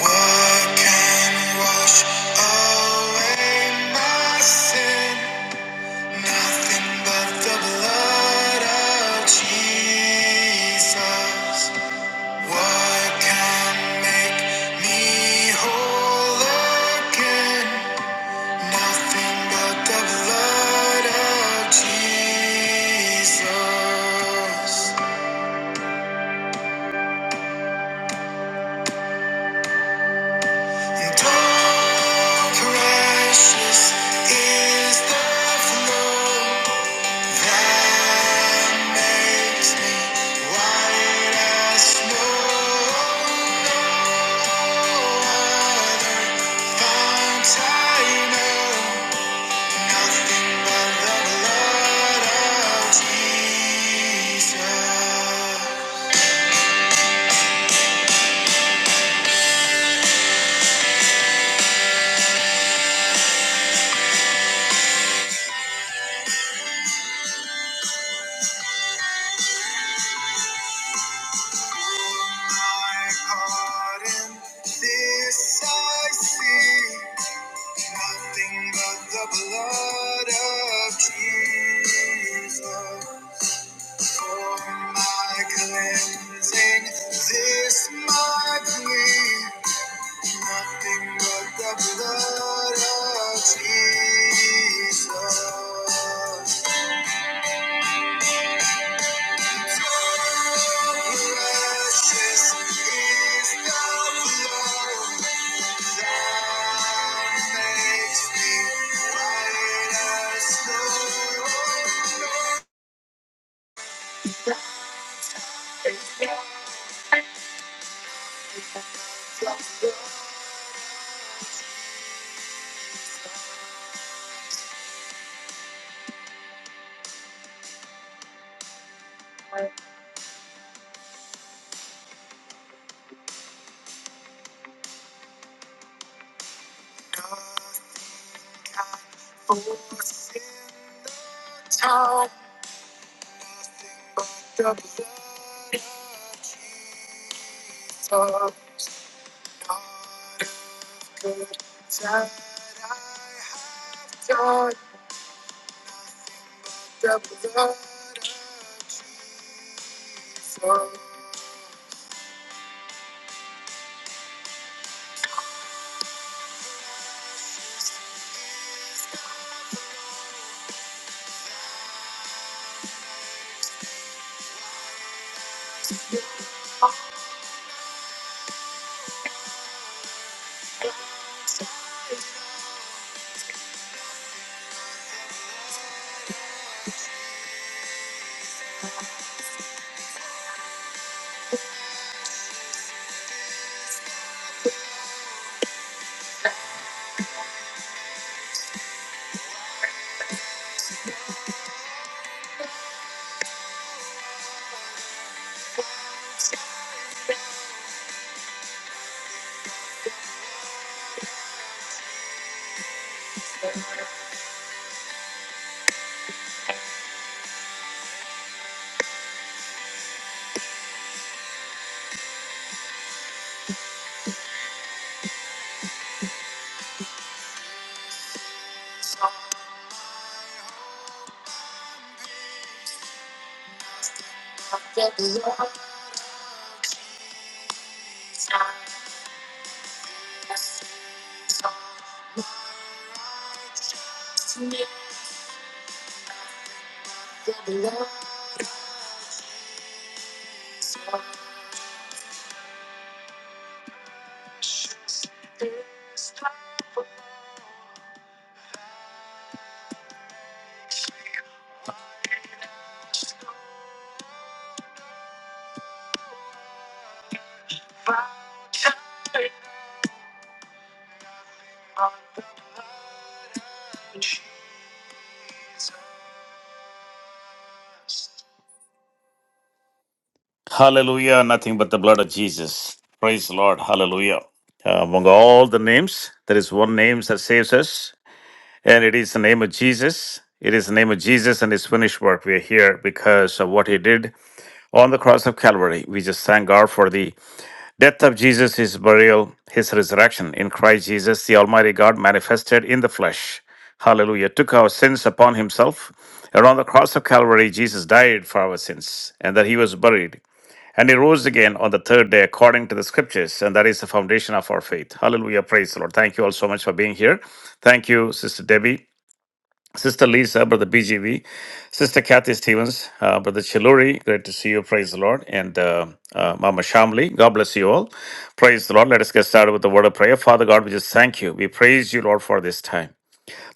What can wash away my sin? Nothing but the blood of Jesus. What can make me whole again? Nothing but the blood of Jesus. And oh, precious is the flow. Nothing but the blood of Jesus. For my cleansing, this my plea, nothing but the blood of Jesus. Precious is the blood that makes me white as snow. Hallelujah. Nothing but the blood of Jesus. Praise the Lord. Hallelujah. Uh, among all the names, there is one name that saves us, and it is the name of Jesus. It is the name of Jesus and his finished work. We are here because of what he did on the cross of Calvary. We just thank God for the death of Jesus, his burial, his resurrection in Christ Jesus, the Almighty God manifested in the flesh. Hallelujah. Took our sins upon himself. And on the cross of Calvary, Jesus died for our sins, and that he was buried. And he rose again on the third day according to the scriptures, and that is the foundation of our faith. Hallelujah. Praise the Lord. Thank you all so much for being here. Thank you, Sister Debbie, Sister Lisa, Brother BGV, Sister Kathy Stevens, uh, Brother Chiluri. Great to see you. Praise the Lord. And uh, uh, Mama Shamli. God bless you all. Praise the Lord. Let us get started with the word of prayer. Father God, we just thank you. We praise you, Lord, for this time.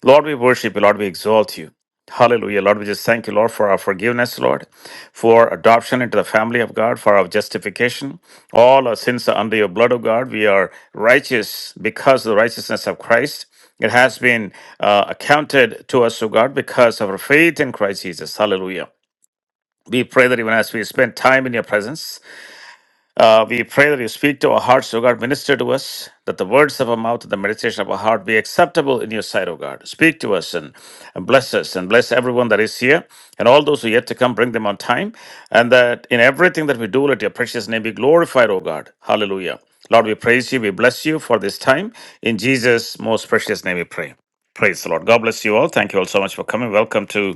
Lord, we worship you. Lord, we exalt you. Hallelujah. Lord, we just thank you, Lord, for our forgiveness, Lord, for adoption into the family of God, for our justification. All our sins are under your blood, of God. We are righteous because of the righteousness of Christ. It has been uh, accounted to us, O God, because of our faith in Christ Jesus. Hallelujah. We pray that even as we spend time in your presence, uh, we pray that you speak to our hearts, O God. Minister to us, that the words of our mouth and the meditation of our heart be acceptable in your sight, O God. Speak to us and, and bless us and bless everyone that is here and all those who are yet to come. Bring them on time. And that in everything that we do, let your precious name be glorified, O God. Hallelujah. Lord, we praise you. We bless you for this time. In Jesus' most precious name we pray. Praise the Lord. God bless you all. Thank you all so much for coming. Welcome to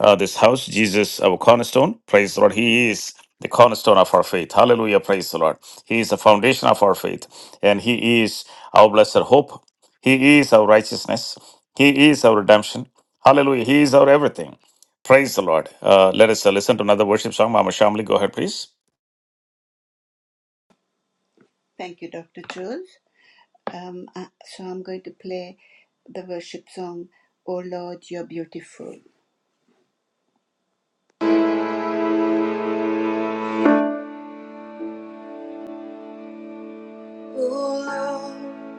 uh, this house, Jesus, our cornerstone. Praise the Lord. He is the cornerstone of our faith. Hallelujah. Praise the Lord. He is the foundation of our faith, and He is our blessed hope. He is our righteousness. He is our redemption. Hallelujah. He is our everything. Praise the Lord. Uh, let us uh, listen to another worship song. Mama Shamli, go ahead, please. Oh Lord,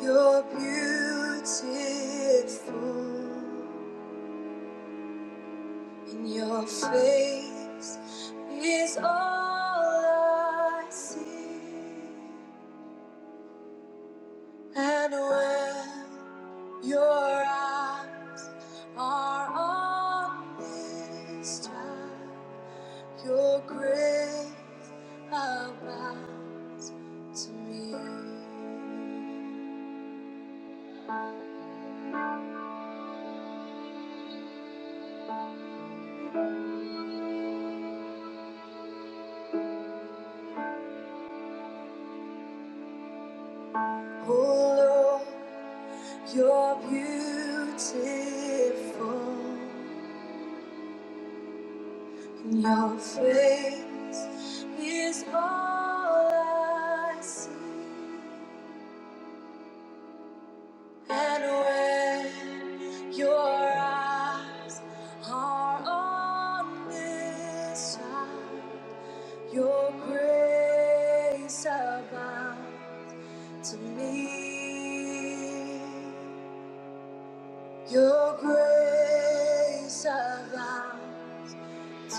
you're beautiful, and your face is all I see. And when your eyes are on this child, your grace abound to me. Oh Lord. You're beautiful, and your face is all I see. And when your eyes are on this child, your grace abounds to me. Your grace abounds. I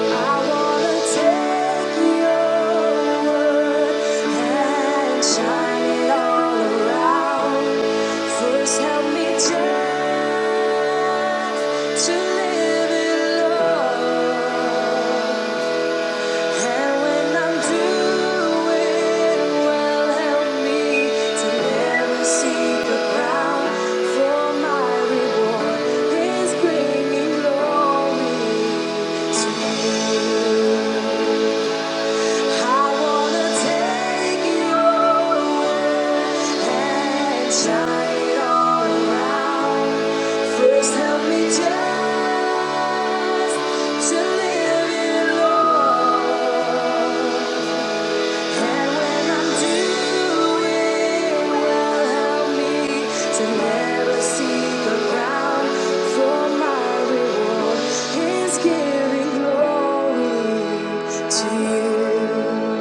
wanna take your word and shine it all around. First, help me just to live in love. And when I'm doing well, help me to never see the ground. For my reward is bringing glory to you. To you.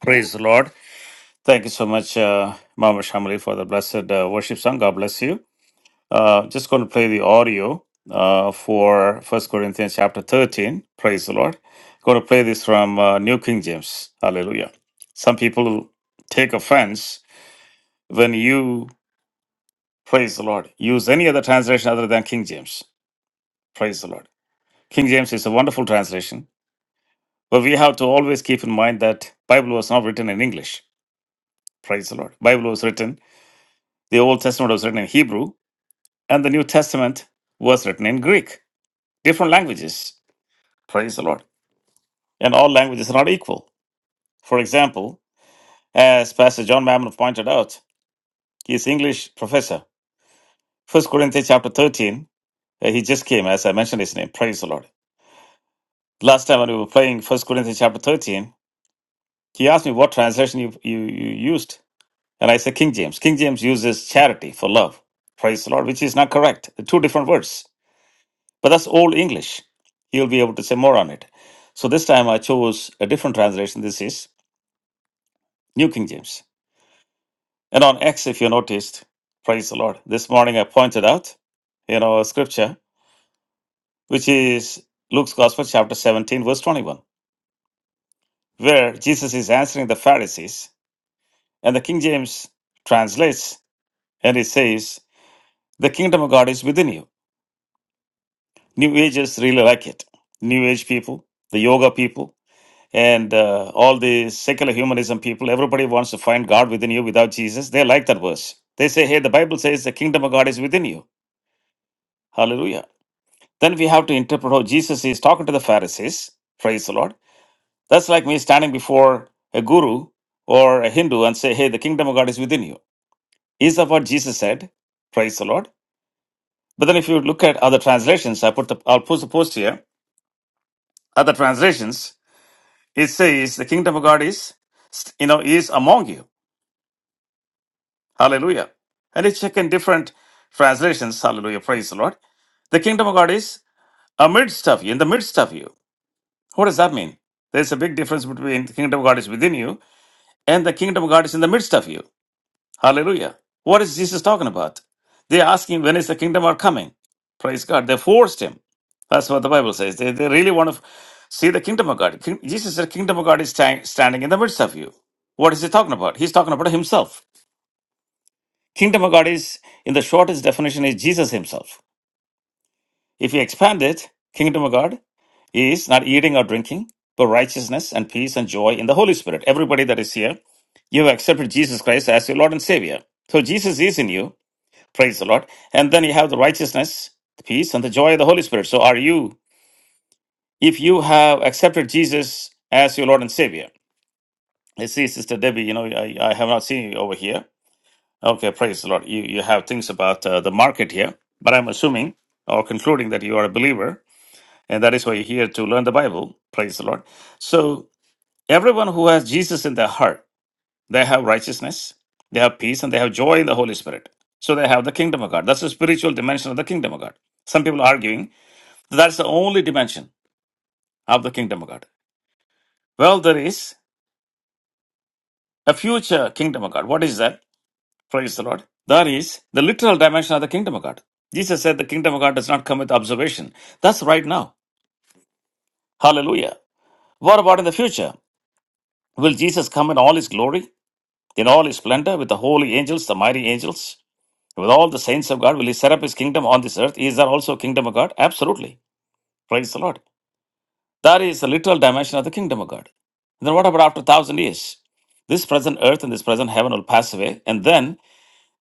Praise the Lord. Thank you so much, uh, Mama Shamli, for the blessed uh, worship song. God bless you. Uh, just going to play the audio uh, for First Corinthians chapter 13. Praise the Lord. Going to play this from uh, New King James. Hallelujah. Some people take offense when you, praise the Lord, use any other translation other than King James. Praise the Lord. King James is a wonderful translation, but we have to always keep in mind that Bible was not written in English. Praise the Lord. Bible was written, the Old Testament was written in Hebrew, and the New Testament was written in Greek. Different languages. Praise the Lord. and all languages are not equal. For example, as Pastor John Mammon pointed out, he is English professor. First Corinthians chapter 13, uh, he just came, as I mentioned his name. Praise the Lord. Last time when we were playing First Corinthians chapter 13, he asked me what translation you, you, you used. And I said King James. King James uses charity for love. Praise the Lord, which is not correct. Two different words. But that's old English. He'll be able to say more on it. So this time I chose a different translation. This is New King James. And on X, if you noticed, praise the Lord. This morning I pointed out, you know, a scripture, which is Luke's Gospel, chapter 17, verse 21, where Jesus is answering the Pharisees, and the King James translates and it says, The kingdom of God is within you. New Agers really like it. New Age people, the yoga people, and uh, all the secular humanism people, everybody wants to find God within you without Jesus. They like that verse. They say, Hey, the Bible says the kingdom of God is within you. Hallelujah. Then we have to interpret how Jesus is talking to the Pharisees. Praise the Lord. That's like me standing before a guru or a Hindu and say, hey, the kingdom of God is within you. Is that what Jesus said? Praise the Lord. But then if you look at other translations, I put the, I'll post the post here. Other translations, it says the kingdom of God is, you know, is among you. Hallelujah. And it's check in different translations. Hallelujah. Praise the Lord. The kingdom of God is amidst of you, in the midst of you. What does that mean? There's a big difference between the kingdom of God is within you and the kingdom of God is in the midst of you. Hallelujah. What is Jesus talking about? They ask him, when is the kingdom of God coming? Praise God. They forced him. That's what the Bible says. They, they really want to see the kingdom of God. King, Jesus said, kingdom of God is stand- standing in the midst of you. What is he talking about? He's talking about himself. Kingdom of God is, in the shortest definition, is Jesus himself. If you expand it, kingdom of God is not eating or drinking, but righteousness and peace and joy in the Holy Spirit. Everybody that is here, you have accepted Jesus Christ as your Lord and Savior. So Jesus is in you, praise the Lord. And then you have the righteousness, the peace, and the joy of the Holy Spirit. So are you, if you have accepted Jesus as your Lord and Savior? I see, Sister Debbie, you know, I, I have not seen you over here. Okay, praise the Lord. You, you have things about uh, the market here, but I'm assuming or concluding that you are a believer And that is why you're here to learn the Bible. Praise the Lord. So, everyone who has Jesus in their heart, they have righteousness, they have peace, and they have joy in the Holy Spirit. So, they have the kingdom of God. That's the spiritual dimension of the kingdom of God. Some people are arguing that that's the only dimension of the kingdom of God. Well, there is a future kingdom of God. What is that? Praise the Lord. That is the literal dimension of the kingdom of God. Jesus said the kingdom of God does not come with observation. That's right now. Hallelujah. What about in the future? Will Jesus come in all his glory? In all his splendor, with the holy angels, the mighty angels, with all the saints of God, will he set up his kingdom on this earth? Is there also a kingdom of God? Absolutely. Praise the Lord. That is the literal dimension of the kingdom of God. Then what about after a thousand years? This present earth and this present heaven will pass away, and then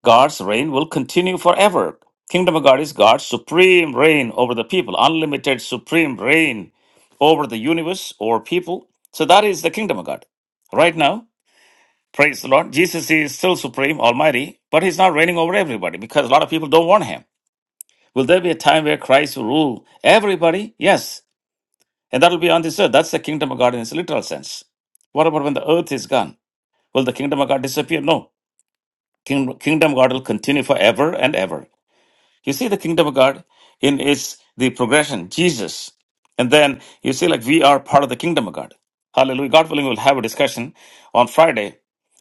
God's reign will continue forever. Kingdom of God is God's supreme reign over the people, unlimited supreme reign over the universe or people. So that is the kingdom of God. Right now, Praise the Lord. Jesus is still supreme, almighty, but he's not reigning over everybody because a lot of people don't want him. Will there be a time where Christ will rule everybody? Yes. And that'll be on this earth. That's the kingdom of God in its literal sense. What about when the earth is gone? Will the kingdom of God disappear? No. King- Kingdom of God will continue forever and ever. You see the kingdom of God in its the progression, Jesus. And then you see like we are part of the kingdom of God. Hallelujah. God willing, we'll have a discussion on Friday.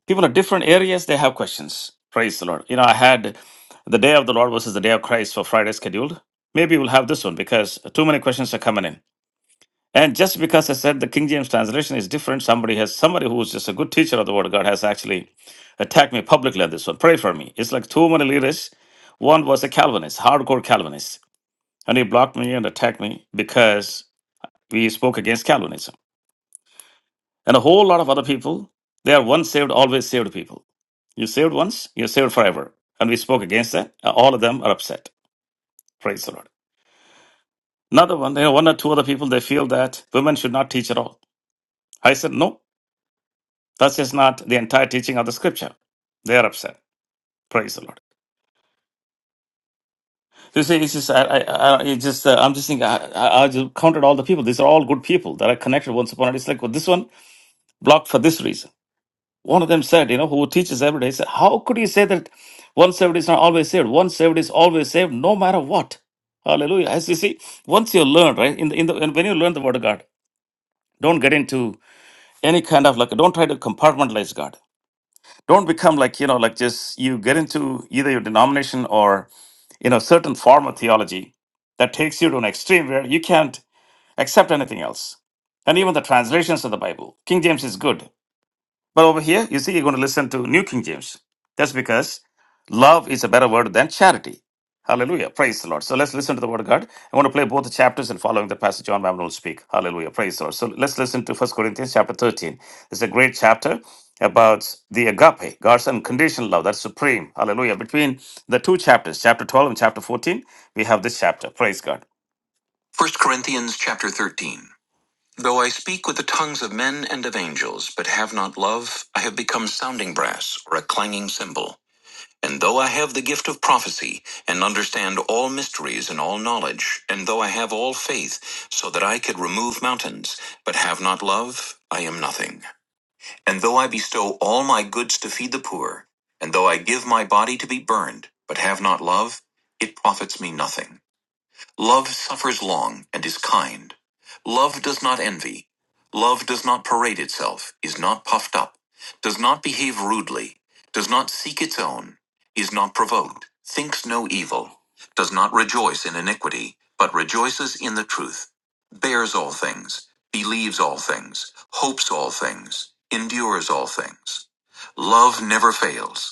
People in different areas, they have questions. Praise the Lord. You know, I had the day of the Lord versus the day of Christ for Friday scheduled. Maybe we'll have this one because too many questions are coming in. And just because I said the King James translation is different, somebody has somebody who is just a good teacher of the Word of God has actually attacked me publicly on this one. Pray for me. It's like two many leaders. One was a Calvinist, hardcore Calvinist, and he blocked me and attacked me because we spoke against Calvinism. And a whole lot of other people, they are once saved, always saved people. You saved once, you're saved forever. And we spoke against that. Uh, All of them are upset. Praise the Lord. Another one, you know, one or two other people, they feel that women should not teach at all. I said, no, That's just not the entire teaching of the scripture. They are upset. Praise the Lord. So You see, it's just, I, I, I, it's just uh, I'm just thinking, I, I, I just counted all the people. These are all good people that are connected once upon a time. It's like, well, this one blocked for this reason. One of them said, you know, who teaches every day, said, how could you say that one saved is not always saved? One saved is always saved no matter what. Hallelujah. As you see, once you learn, right, in the, in the, when you learn the word of God, don't get into any kind of like, don't try to compartmentalize God. don't become like you know like just you get into either your denomination or you know certain form of theology that takes you to an extreme where you can't accept anything else and even the translations of the bible king james is good but over here, you see, you're going to listen to New King James. That's because love is a better word than charity. Hallelujah. Praise the Lord. So let's listen to the word of God. I want to play both the chapters and following the passage John Mammon will speak. Hallelujah. Praise the Lord. So let's listen to First Corinthians chapter 13. It's a great chapter about the agape, God's unconditional love. That's supreme. Hallelujah. Between the two chapters, chapter 12 and chapter 14, we have this chapter. Praise God. First Corinthians chapter 13. Though I speak with the tongues of men and of angels, but have not love, I have become sounding brass or a clanging cymbal. And though I have the gift of prophecy, and understand all mysteries and all knowledge, and though I have all faith, so that I could remove mountains, but have not love, I am nothing. And though I bestow all my goods to feed the poor, and though I give my body to be burned, but have not love, it profits me nothing. Love suffers long and is kind. Love does not envy. Love does not parade itself, is not puffed up, does not behave rudely, does not seek its own, is not provoked, thinks no evil, does not rejoice in iniquity, but rejoices in the truth, bears all things, believes all things, hopes all things, endures all things. Love never fails.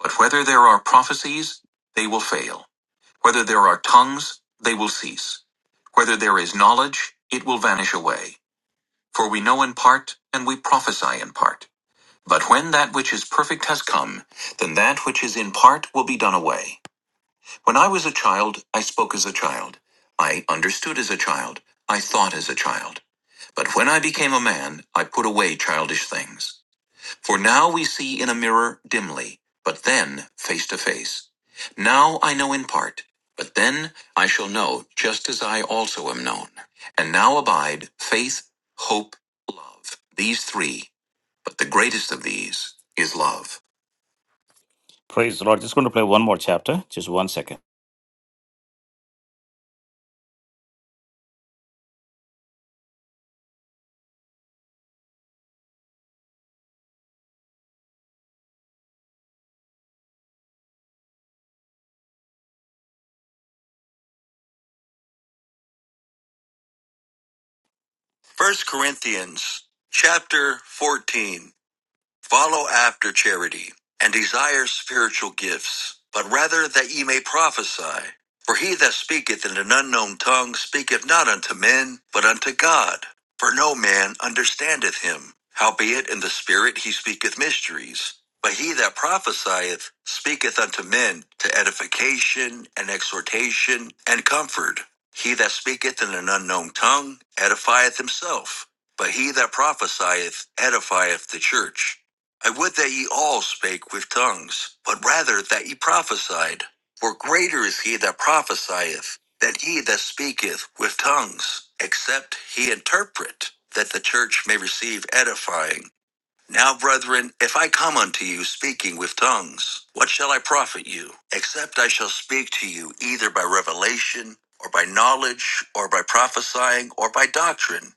But whether there are prophecies, they will fail. Whether there are tongues, they will cease. Whether there is knowledge, it will vanish away. For we know in part, and we prophesy in part. But when that which is perfect has come, then that which is in part will be done away. When I was a child, I spoke as a child. I understood as a child. I thought as a child. But when I became a man, I put away childish things. For now we see in a mirror dimly, but then face to face. Now I know in part, but then I shall know just as I also am known. And now abide faith, hope, love. These three, but the greatest of these is love. Praise the Lord. Just going to play one more chapter. Just one second. First Corinthians chapter 14. Follow after charity, and desire spiritual gifts, but rather that ye may prophesy. For he that speaketh in an unknown tongue speaketh not unto men, but unto God. For no man understandeth him. Howbeit in the Spirit he speaketh mysteries. But he that prophesieth speaketh unto men to edification and exhortation and comfort. He that speaketh in an unknown tongue edifieth himself, but he that prophesieth edifieth the church. I would that ye all spake with tongues, but rather that ye prophesied. For greater is he that prophesieth than he that speaketh with tongues, except he interpret, that the church may receive edifying. Now, brethren, if I come unto you speaking with tongues, what shall I profit you, except I shall speak to you either by revelation, or by knowledge, or by prophesying, or by doctrine?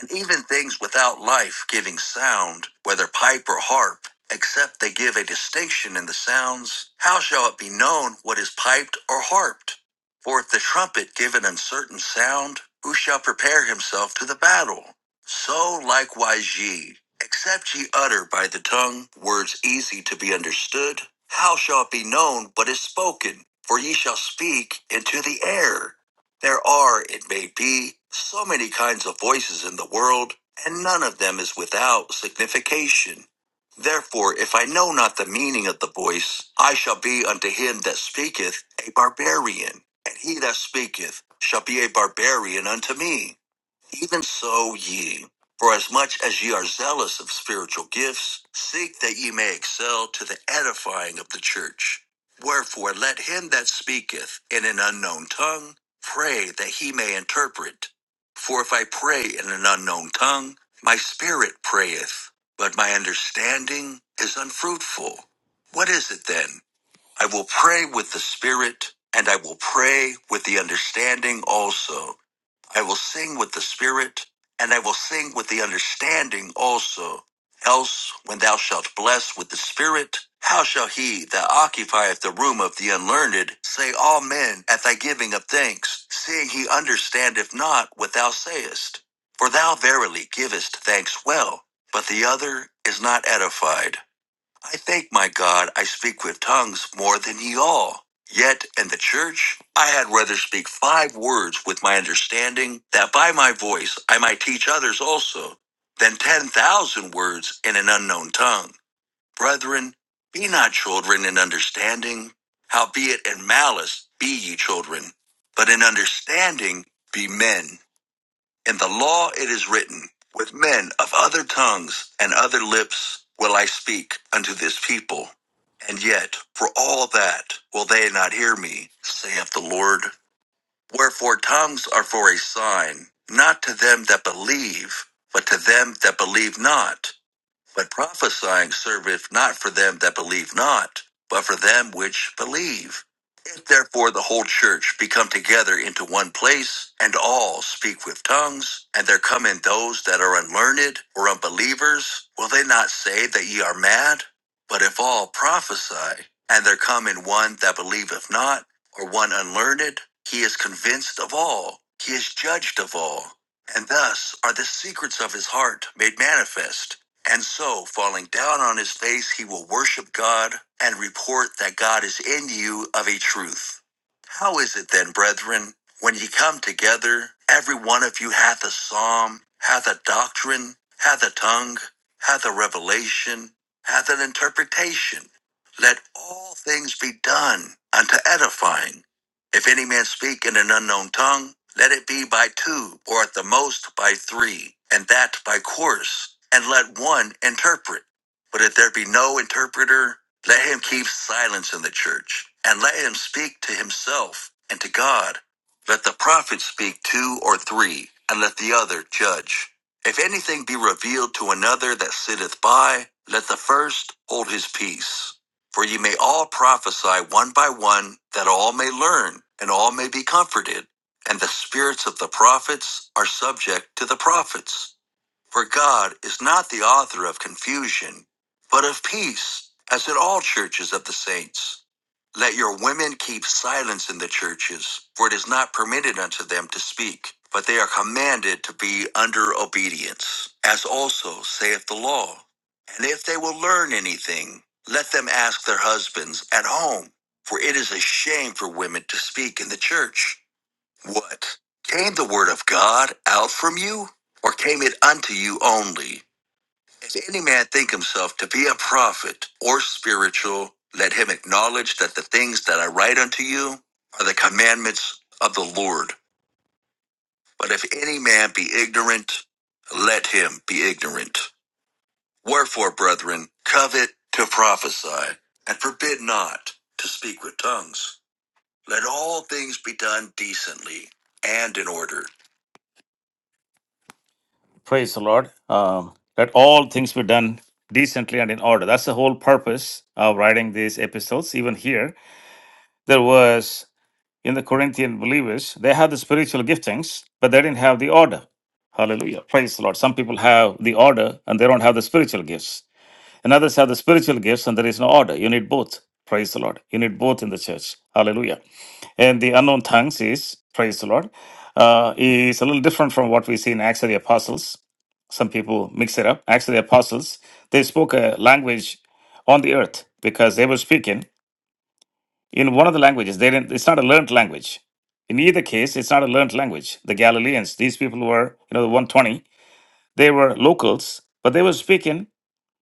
and even things without life giving sound, whether pipe or harp, except they give a distinction in the sounds, how shall it be known what is piped or harped? For if the trumpet give an uncertain sound, who shall prepare himself to the battle? So likewise ye, except ye utter by the tongue words easy to be understood, how shall it be known what is spoken? For ye shall speak into the air. There are, it may be, so many kinds of voices in the world, and none of them is without signification. Therefore, if I know not the meaning of the voice, I shall be unto him that speaketh a barbarian, and he that speaketh shall be a barbarian unto me. Even so, ye, for as much as ye are zealous of spiritual gifts, seek that ye may excel to the edifying of the church. Wherefore, let him that speaketh in an unknown tongue pray that he may interpret. For if I pray in an unknown tongue, my spirit prayeth, but my understanding is unfruitful. What is it then? I will pray with the spirit, and I will pray with the understanding also. I will sing with the spirit, and I will sing with the understanding also. Else, when thou shalt bless with the spirit, how shall he that occupieth the room of the unlearned say Amen at thy giving of thanks, seeing he understandeth not what thou sayest? For thou verily givest thanks well, but the other is not edified. I thank my God I speak with tongues more than ye all. Yet in the church I had rather speak five words with my understanding, that by my voice I might teach others also, than ten thousand words in an unknown tongue. Brethren, be not children in understanding, howbeit in malice be ye children, but in understanding be men. In the law it is written, With men of other tongues and other lips will I speak unto this people. And yet, for all that, will they not hear me, saith the Lord. Wherefore, tongues are for a sign, not to them that believe, but to them that believe not. But prophesying serveth not for them that believe not, but for them which believe. If therefore the whole church be come together into one place, and all speak with tongues, and there come in those that are unlearned or unbelievers, will they not say that ye are mad? But if all prophesy, and there come in one that believeth not, or one unlearned, he is convinced of all, he is judged of all. And thus are the secrets of his heart made manifest. And so, falling down on his face, he will worship God and report that God is in you of a truth. How is it then, brethren, when ye come together, every one of you hath a psalm, hath a doctrine, hath a tongue, hath a revelation, hath an interpretation? Let all things be done unto edifying. If any man speak in an unknown tongue, let it be by two, or at the most by three, and that by course, and let one interpret. But if there be no interpreter, let him keep silence in the church, and let him speak to himself and to God. Let the prophet speak two or three, and let the other judge. If anything be revealed to another that sitteth by, let the first hold his peace for ye may all prophesy one by one, that all may learn, and all may be comforted, and the spirits of the prophets are subject to the prophets. For God is not the author of confusion, but of peace, as in all churches of the saints. Let your women keep silence in the churches, for it is not permitted unto them to speak, but they are commanded to be under obedience, as also saith the law. And if they will learn anything, let them ask their husbands at home, for it is a shame for women to speak in the church. What? Came the word of God out from you? Or came it unto you only? If any man think himself to be a prophet or spiritual, let him acknowledge that the things that I write unto you are the commandments of the Lord. But if any man be ignorant, let him be ignorant. Wherefore, brethren, covet to prophesy, and forbid not to speak with tongues. Let all things be done decently and in order. Praise the Lord. Um, let all things be done decently and in order. That's the whole purpose of writing these epistles. Even here, there was in the Corinthian believers, they had the spiritual giftings, but they didn't have the order. Hallelujah. Praise the Lord. Some people have the order and they don't have the spiritual gifts. And others have the spiritual gifts and there is no order. You need both. Praise the Lord. You need both in the church. Hallelujah. And the unknown tongues is, praise the Lord, uh, is a little different from what we see in Acts of the Apostles. Some people mix it up. Acts of the Apostles, they spoke a language on the earth because they were speaking in one of the languages. They didn't, it's not a learned language. In either case, it's not a learned language. The Galileans, these people were, you know, the 120, they were locals, but they were speaking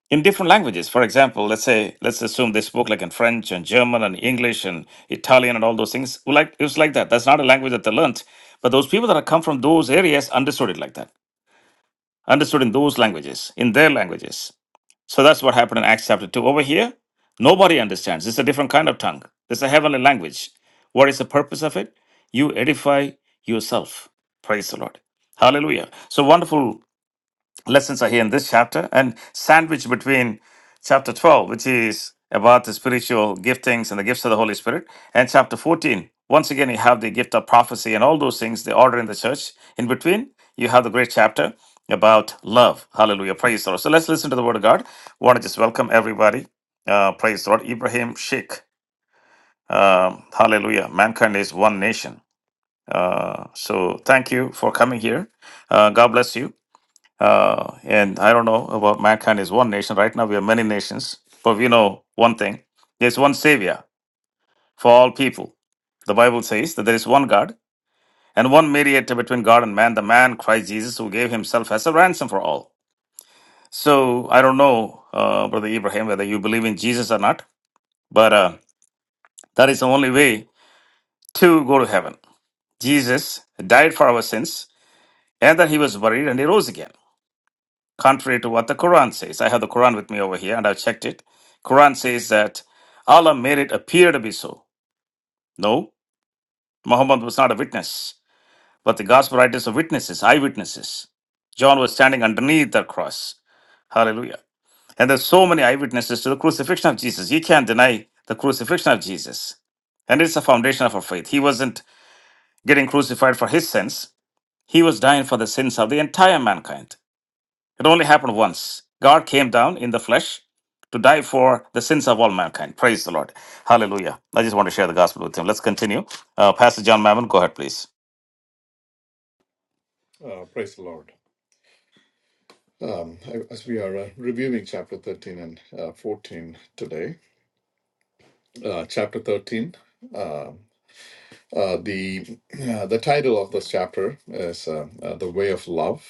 in different languages. For example, let's say let's assume they spoke like in French and German and English and Italian and all those things. Well, Like it was like that. That's not a language that they learnt, but those people that have come from those areas understood it like that, understood in those languages, in their languages. So that's what happened in Acts chapter two. Over here, nobody understands. It's a different kind of tongue. It's a heavenly language. What is the purpose of it? You edify yourself. Praise the Lord. Hallelujah. So wonderful lessons are here in this chapter and sandwiched between chapter 12, which is about the spiritual giftings and the gifts of the Holy Spirit, and chapter 14. Once again, you have the gift of prophecy and all those things, the order in the church. In between, you have the great chapter about love. Hallelujah. Praise the Lord. So let's listen to the word of God. want to just welcome everybody. Uh, praise the Lord. Ibrahim Sheikh. Um, hallelujah. Mankind is one nation. Uh, so thank you for coming here. Uh, God bless you. Uh, and I don't know about mankind is one nation. Right now, we are many nations, but we know one thing there's one Savior for all people. The Bible says that there is one God and one mediator between God and man, the man Christ Jesus, who gave himself as a ransom for all. So I don't know, uh, Brother Ibrahim, whether you believe in Jesus or not, but uh, that is the only way to go to heaven. Jesus died for our sins, and that he was buried and he rose again. contrary to what the Quran says. I have the Quran with me over here and I've checked it. Quran says that Allah made it appear to be so. No, Muhammad was not a witness, but the gospel writers are witnesses, eyewitnesses. John was standing underneath the cross. Hallelujah. And there's so many eyewitnesses to the crucifixion of Jesus. You can't deny the crucifixion of Jesus. And it's the foundation of our faith. He wasn't getting crucified for his sins, he was dying for the sins of the entire mankind. It only happened once. God came down in the flesh to die for the sins of all mankind. Praise the Lord. Hallelujah. I just want to share the gospel with him. Let's continue. Uh, Pastor John Mammon, go ahead, please. Uh, praise the Lord. Um, as we are uh, reviewing chapter 13 and uh, 14 today, uh, chapter 13, uh, uh, the uh, the title of this chapter is uh, uh, "The Way of Love."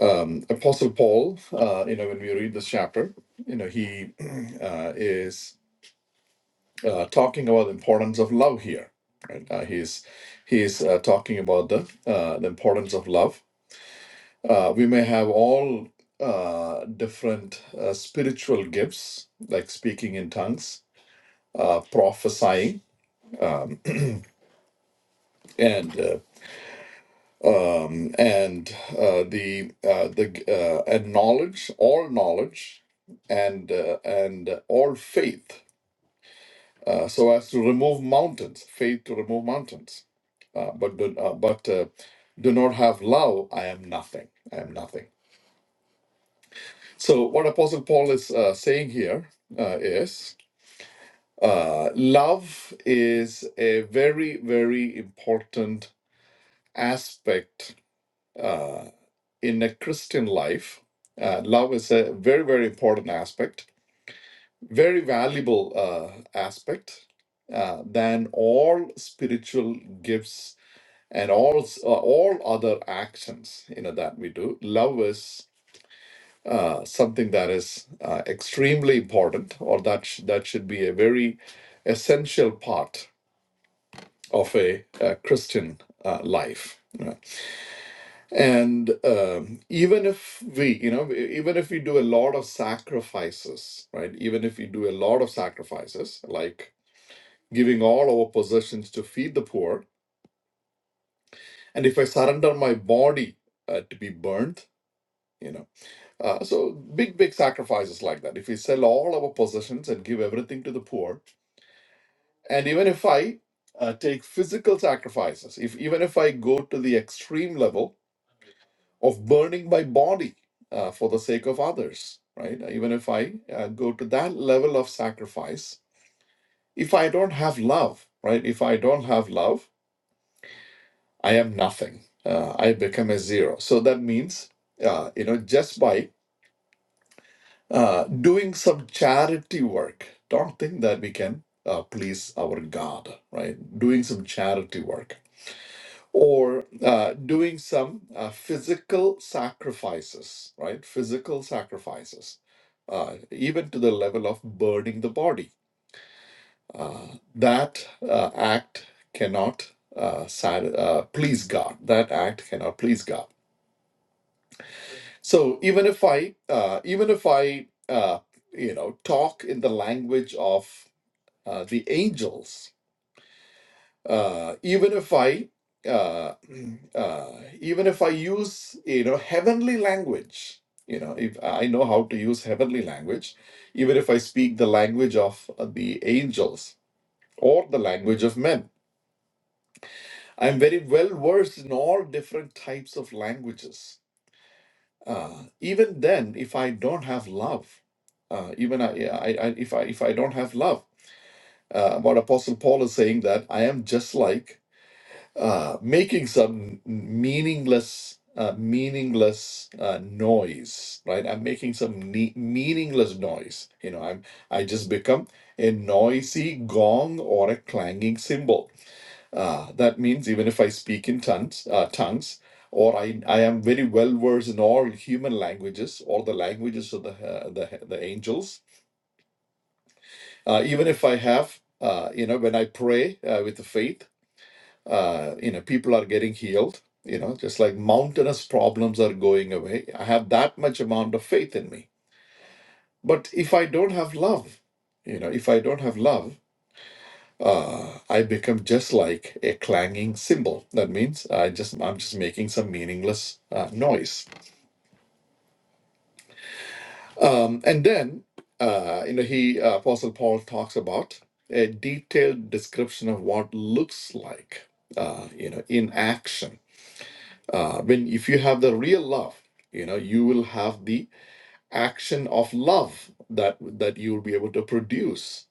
Um, Apostle Paul, uh, you know, when we read this chapter, you know, he uh, is uh, talking about the importance of love here. Right? Uh, he's he's uh, talking about the uh, the importance of love Uh, we may have all uh, different uh, spiritual gifts, like speaking in tongues, uh, prophesying, and uh, um, and uh, the uh, the uh, and knowledge, all knowledge, and uh, and all faith, uh, so as to remove mountains, faith to remove mountains. Uh, but do, uh, but uh, do not have love, I am nothing. I am nothing. So what Apostle Paul is uh, saying here uh, is Uh, love is a very, very important aspect uh, in a Christian life. Uh, love is a very, very important aspect, very valuable uh, aspect uh, than all spiritual gifts and all s- uh, all other actions you know that we do. Love is uh, something that is uh, extremely important, or that sh- that should be a very essential part of a, uh Christian uh, life. right? And um, even if we, you know, e- even if we do a lot of sacrifices, right? Even if we do a lot of sacrifices, like giving all our possessions to feed the poor, and if I surrender my body uh, to be burned, you know, uh, so big, big sacrifices like that. If we sell all our possessions and give everything to the poor, and even if I uh, take physical sacrifices, if even if I go to the extreme level of burning my body uh, for the sake of others, right? Even if I uh, go to that level of sacrifice, if I don't have love, right? If I don't have love, I am nothing. Uh, I become a zero. So that means, uh, you know, just by uh, doing some charity work, don't think that we can uh, please our God, right? Doing some charity work or uh, doing some uh, physical sacrifices, right? Physical sacrifices, uh, even to the level of burning the body. Uh, that uh, act cannot uh, sat- uh, please God. That act cannot please God. So even if I, uh, even if I, uh, you know, talk in the language of uh, the angels, uh, even if I uh, uh, even if I use you know heavenly language, you know if I know how to use heavenly language, even if I speak the language of uh, the angels or the language of men, I'm very well versed in all different types of languages. Uh, even then, if I don't have love, uh, even I, I, I, if I if I don't have love, uh, what Apostle Paul is saying that I am just like uh, making some meaningless uh, meaningless uh, noise right i'm making some ne- meaningless noise you know i'm i just become a noisy gong or a clanging cymbal uh, that means even if i speak in tongues uh, tongues or I, I am very well versed in all human languages or the languages of the uh, the, the angels uh, even if i have uh, you know when i pray uh, with faith uh, you know people are getting healed you know just like mountainous problems are going away i have that much amount of faith in me but if i don't have love you know if i don't have love uh, i become just like a clanging cymbal that means i just i'm just making some meaningless uh, noise um, and then uh, you know he uh, apostle paul talks about a detailed description of what looks like uh, you know in action uh, when if you have the real love you know you will have the action of love that that you will be able to produce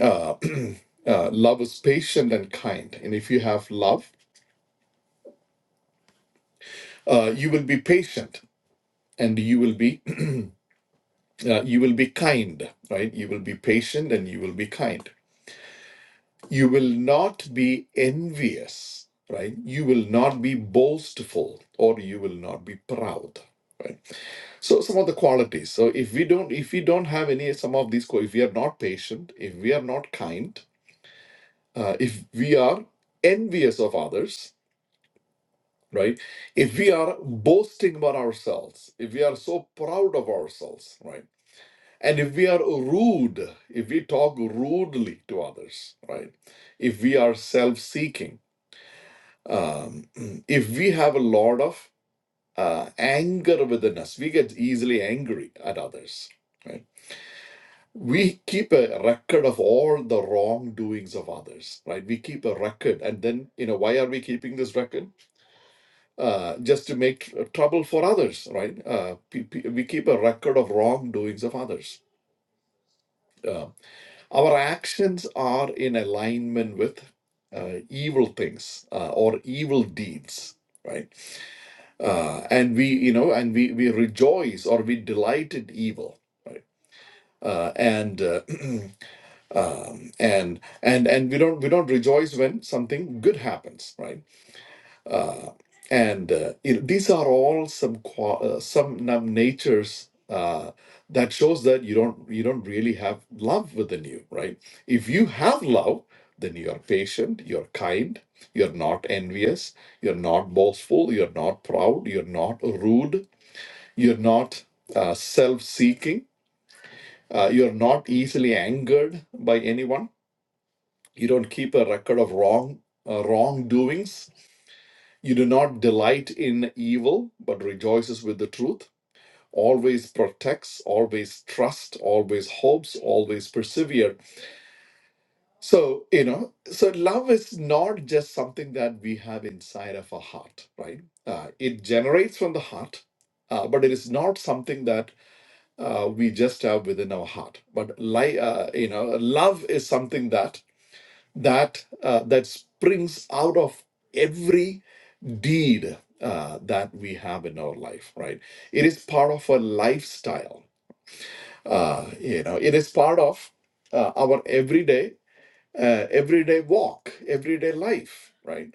uh, uh, love is patient and kind and if you have love uh, you will be patient and you will be uh, you will be kind right you will be patient and you will be kind you will not be envious right you will not be boastful or you will not be proud right? So some of the qualities. So if we don't, if we don't have any some of these, qua- if we are not patient, if we are not kind, uh, if we are envious of others, right? If we are boasting about ourselves, if we are so proud of ourselves, right? And if we are rude, if we talk rudely to others, right? If we are self-seeking, um, if we have a lot of uh, anger within us, we get easily angry at others, right? we keep a record of all the wrongdoings of others right we keep a record and then you know why are we keeping this record uh, just to make tr- trouble for others right uh, pe- pe- we keep a record of wrongdoings of others uh, our actions are in alignment with uh, evil things uh, or evil deeds right uh, and we you know and we we rejoice or we delight in evil right uh, and uh, um, and and and we don't we don't rejoice when something good happens right uh, and uh, you know, these are all some qua- uh, some num natures uh, that shows that you don't you don't really have love within you right if you have love then you are patient you're kind you're not envious you're not boastful you're not proud you're not rude you're not uh, self-seeking uh, you're not easily angered by anyone you don't keep a record of wrong uh, wrongdoings. You do not delight in evil, but rejoices with the truth. Always protects, always trusts, always hopes, always persevere. So, you know, so love is not just something that we have inside of our heart, right? Uh, it generates from the heart, uh, but it is not something that uh, we just have within our heart. But, li- uh, you know, love is something that that uh, that springs out of every deed uh, that we have in our life right it is part of a lifestyle uh, you know it is part of uh, our everyday uh, everyday walk everyday life right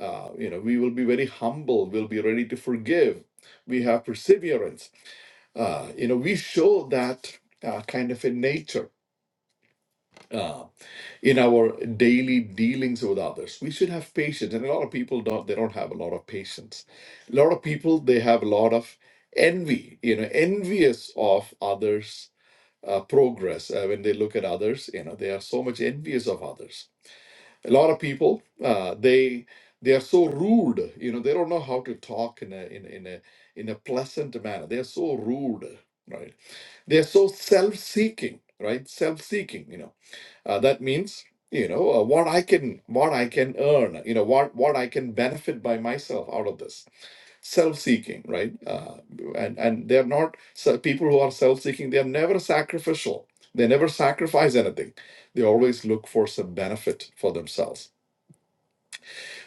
uh, you know we will be very humble we'll be ready to forgive we have perseverance uh, you know we show that uh, kind of a nature Um, in our daily dealings with others we should have patience and a lot of people don't they don't have a lot of patience a lot of people they have a lot of envy you know envious of others uh, progress uh, when they look at others you know they are so much envious of others a lot of people uh, they they are so rude you know they don't know how to talk in a in, a- in a in a pleasant manner they are so rude right they're so self-seeking right self-seeking you know uh, that means you know uh, what I can what I can earn. You know what what I can benefit by myself out of this self seeking, right? Uh, and and they're not so people who are self seeking. They are never sacrificial. They never sacrifice anything. They always look for some benefit for themselves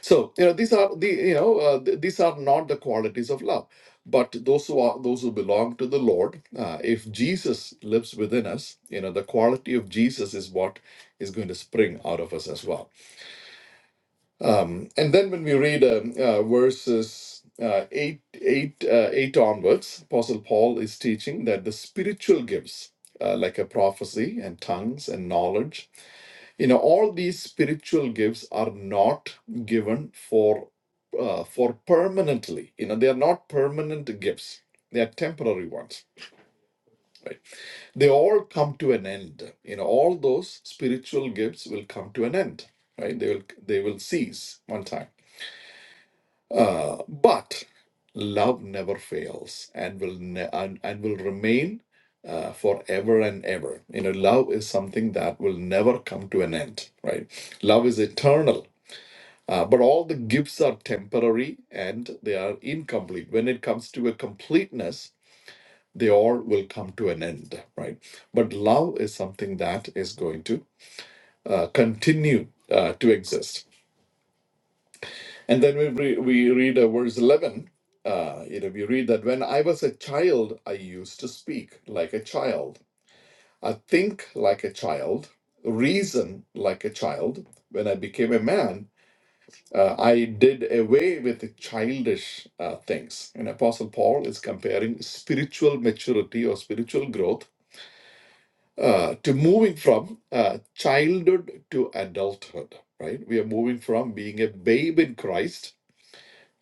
so you know these are the you know uh, th- these are not the qualities of love, but those who are those who belong to the Lord. Uh, if Jesus lives within us, you know the quality of Jesus is what is going to spring out of us as well. Um, and then when we read um, uh, verses. Uh, 8 8 uh, 8 onwards apostle paul is teaching that the spiritual gifts uh, like a prophecy and tongues and knowledge you know all these spiritual gifts are not given for uh, for permanently you know they are not permanent gifts they are temporary ones right they all come to an end you know all those spiritual gifts will come to an end right they will they will cease one time Uh, but love never fails and will ne- and, and will remain uh, forever and ever you know love is something that will never come to an end right love is eternal Uh, but all the gifts are temporary and they are incomplete. When it comes to a completeness, they all will come to an end, right? But love is something that is going to uh, continue uh, to exist. And then we, re- we read uh, verse 11. Uh, you know, we read that when I was a child, I used to speak like a child. I think like a child, reason like a child. When I became a man, Uh, I did away with the childish uh, things. And Apostle Paul is comparing spiritual maturity or spiritual growth uh, to moving from uh, childhood to adulthood. Right? We are moving from being a babe in Christ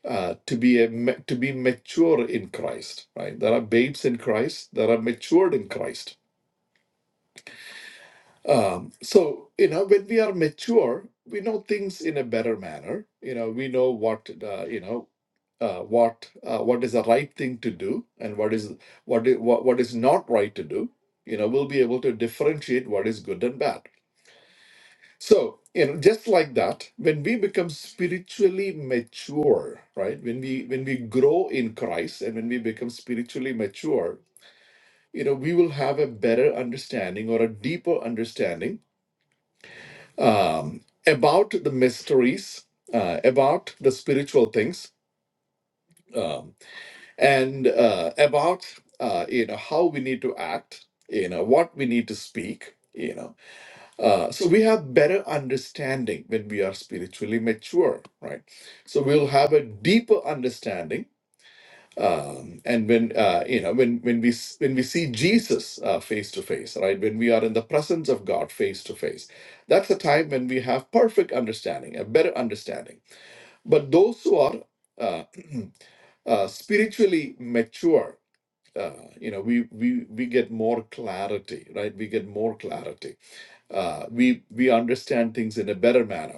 uh, to be a ma- to be mature in Christ. Right? There are babes in Christ. There are matured in Christ. Um, so, you know, when we are mature, we know things in a better manner. You know, we know what, uh, you know, uh, what uh, what is the right thing to do and what is what is what, what is not right to do. You know, we'll be able to differentiate what is good and bad. So, you know, just like that, when we become spiritually mature, right? When we when we grow in Christ and when we become spiritually mature, you know, we will have a better understanding or a deeper understanding um, about the mysteries, uh, about the spiritual things, um, and uh, about uh, you know how we need to act, you know what we need to speak, you know. Uh, so we have better understanding when we are spiritually mature, right? So we'll have a deeper understanding um, and when uh, you know when when we s- when we see jesus uh, face to face right when we are in the presence of god face to face that's a time when we have perfect understanding a better understanding but those who are uh, uh, spiritually mature uh, you know we, we we get more clarity right we get more clarity uh, we we understand things in a better manner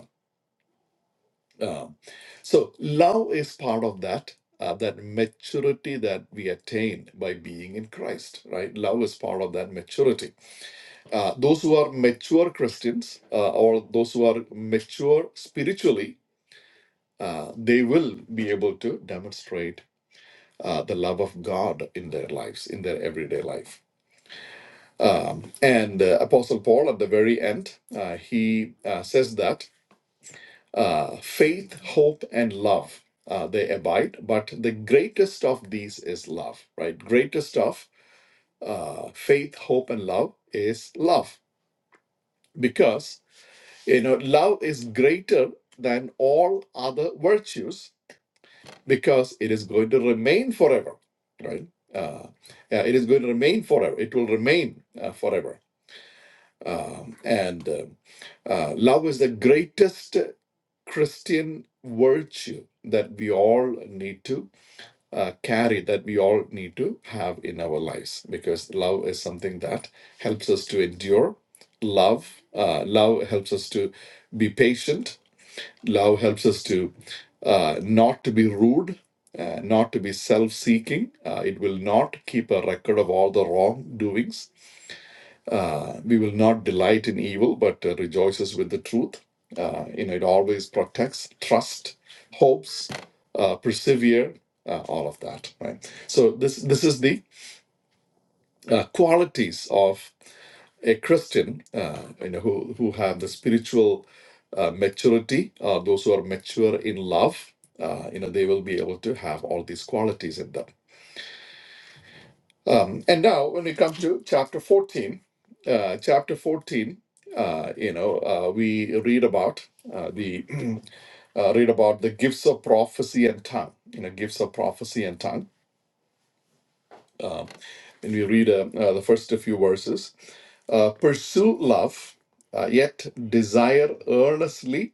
um, so love is part of that uh, that maturity that we attain by being in Christ, right? Love is part of that maturity. Uh, those who are mature Christians uh, or those who are mature spiritually, uh, they will be able to demonstrate. Uh, the love of God in their lives, in their everyday life. Um, and uh, Apostle Paul, at the very end, uh, he uh, says that uh, faith, hope, and love. Uh, they abide, but the greatest of these is love, right? Greatest of uh, faith, hope, and love is love because, you know, love is greater than all other virtues because it is going to remain forever, right? Uh, uh, it is going to remain forever. It will remain uh, forever. Um, and uh, Uh, love is the greatest Christian virtue that we all need to uh, carry, that we all need to have in our lives, because love is something that helps us to endure. Love, uh, love helps us to be patient. Love helps us to uh, not to be rude, uh, not to be self-seeking. Uh, it will not keep a record of all the wrongdoings we will not delight in evil, but uh, rejoices with the truth. Uh, you know, it always protects, trust, hopes, uh, persevere, uh, all of that, right? So this this is the uh, qualities of a Christian, uh, you know, who who have the spiritual uh, maturity. Uh, those who are mature in love, uh, you know, they will be able to have all these qualities in them. Um, and now, when we come to chapter 14, uh, chapter 14, uh, you know, uh, we read about uh, the uh, read about the gifts of prophecy and tongue. You know, gifts of prophecy and tongue. And we read uh, uh, the first few verses. Uh, Pursue love, uh, yet desire earnestly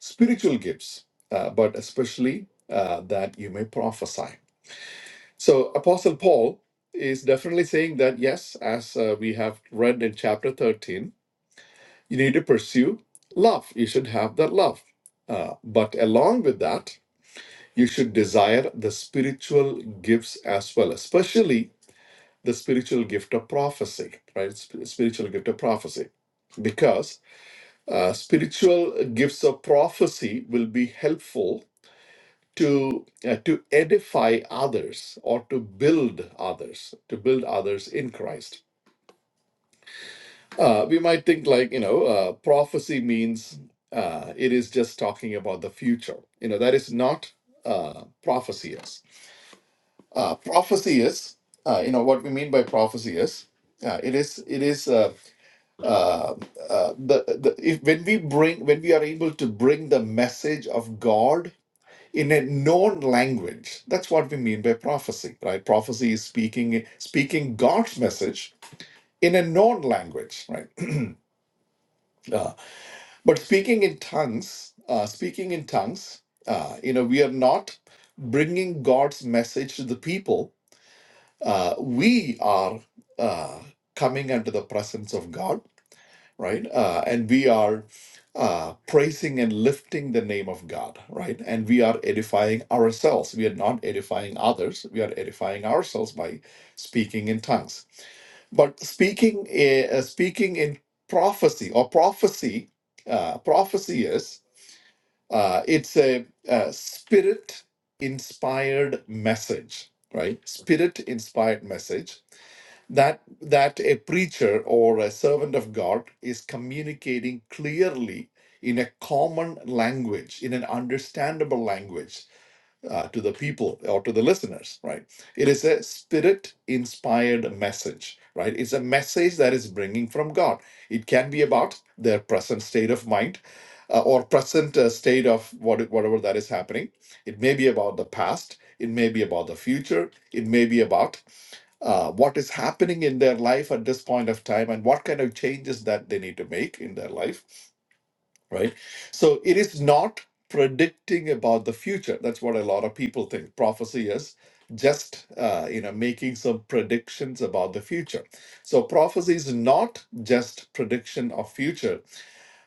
spiritual gifts, uh, but especially uh, that you may prophesy So, Apostle Paul is definitely saying that, yes, as uh, we have read in chapter 13, you need to pursue love. You should have that love. Uh, but along with that, you should desire the spiritual gifts as well, especially the spiritual gift of prophecy, right? Sp- spiritual gift of prophecy. Because uh, spiritual gifts of prophecy will be helpful to uh, to edify others or to build others to build others in christ uh, we might think like you know uh, prophecy means uh, it is just talking about the future you know that is not uh, prophecy is uh, prophecy is uh, you know what we mean by prophecy is uh, it is it is uh, uh, uh, the, the if when we bring when we are able to bring the message of god in a known language. That's what we mean by prophecy, right? Prophecy is speaking speaking God's message in a known language, right? Uh, but speaking in tongues, uh, speaking in tongues, uh, you know, we are not bringing God's message to the people. Uh, we are uh, coming into the presence of God right? Uh, and we are uh, praising and lifting the name of God, right? And we are edifying ourselves. We are not edifying others. We are edifying ourselves by speaking in tongues. But speaking, eh, uh, speaking in prophecy or prophecy, uh, prophecy is uh, it's a, a spirit-inspired message, right? Spirit-inspired message that that a preacher or a servant of god is communicating clearly in a common language in an understandable language uh, to the people or to the listeners right it is a spirit inspired message right it's a message that is bringing from god it can be about their present state of mind uh, or present uh, state of what, whatever that is happening it may be about the past it may be about the future it may be about uh, what is happening in their life at this point of time and what kind of changes that they need to make in their life right so it is not predicting about the future that's what a lot of people think prophecy is just uh, you know making some predictions about the future so prophecy is not just prediction of future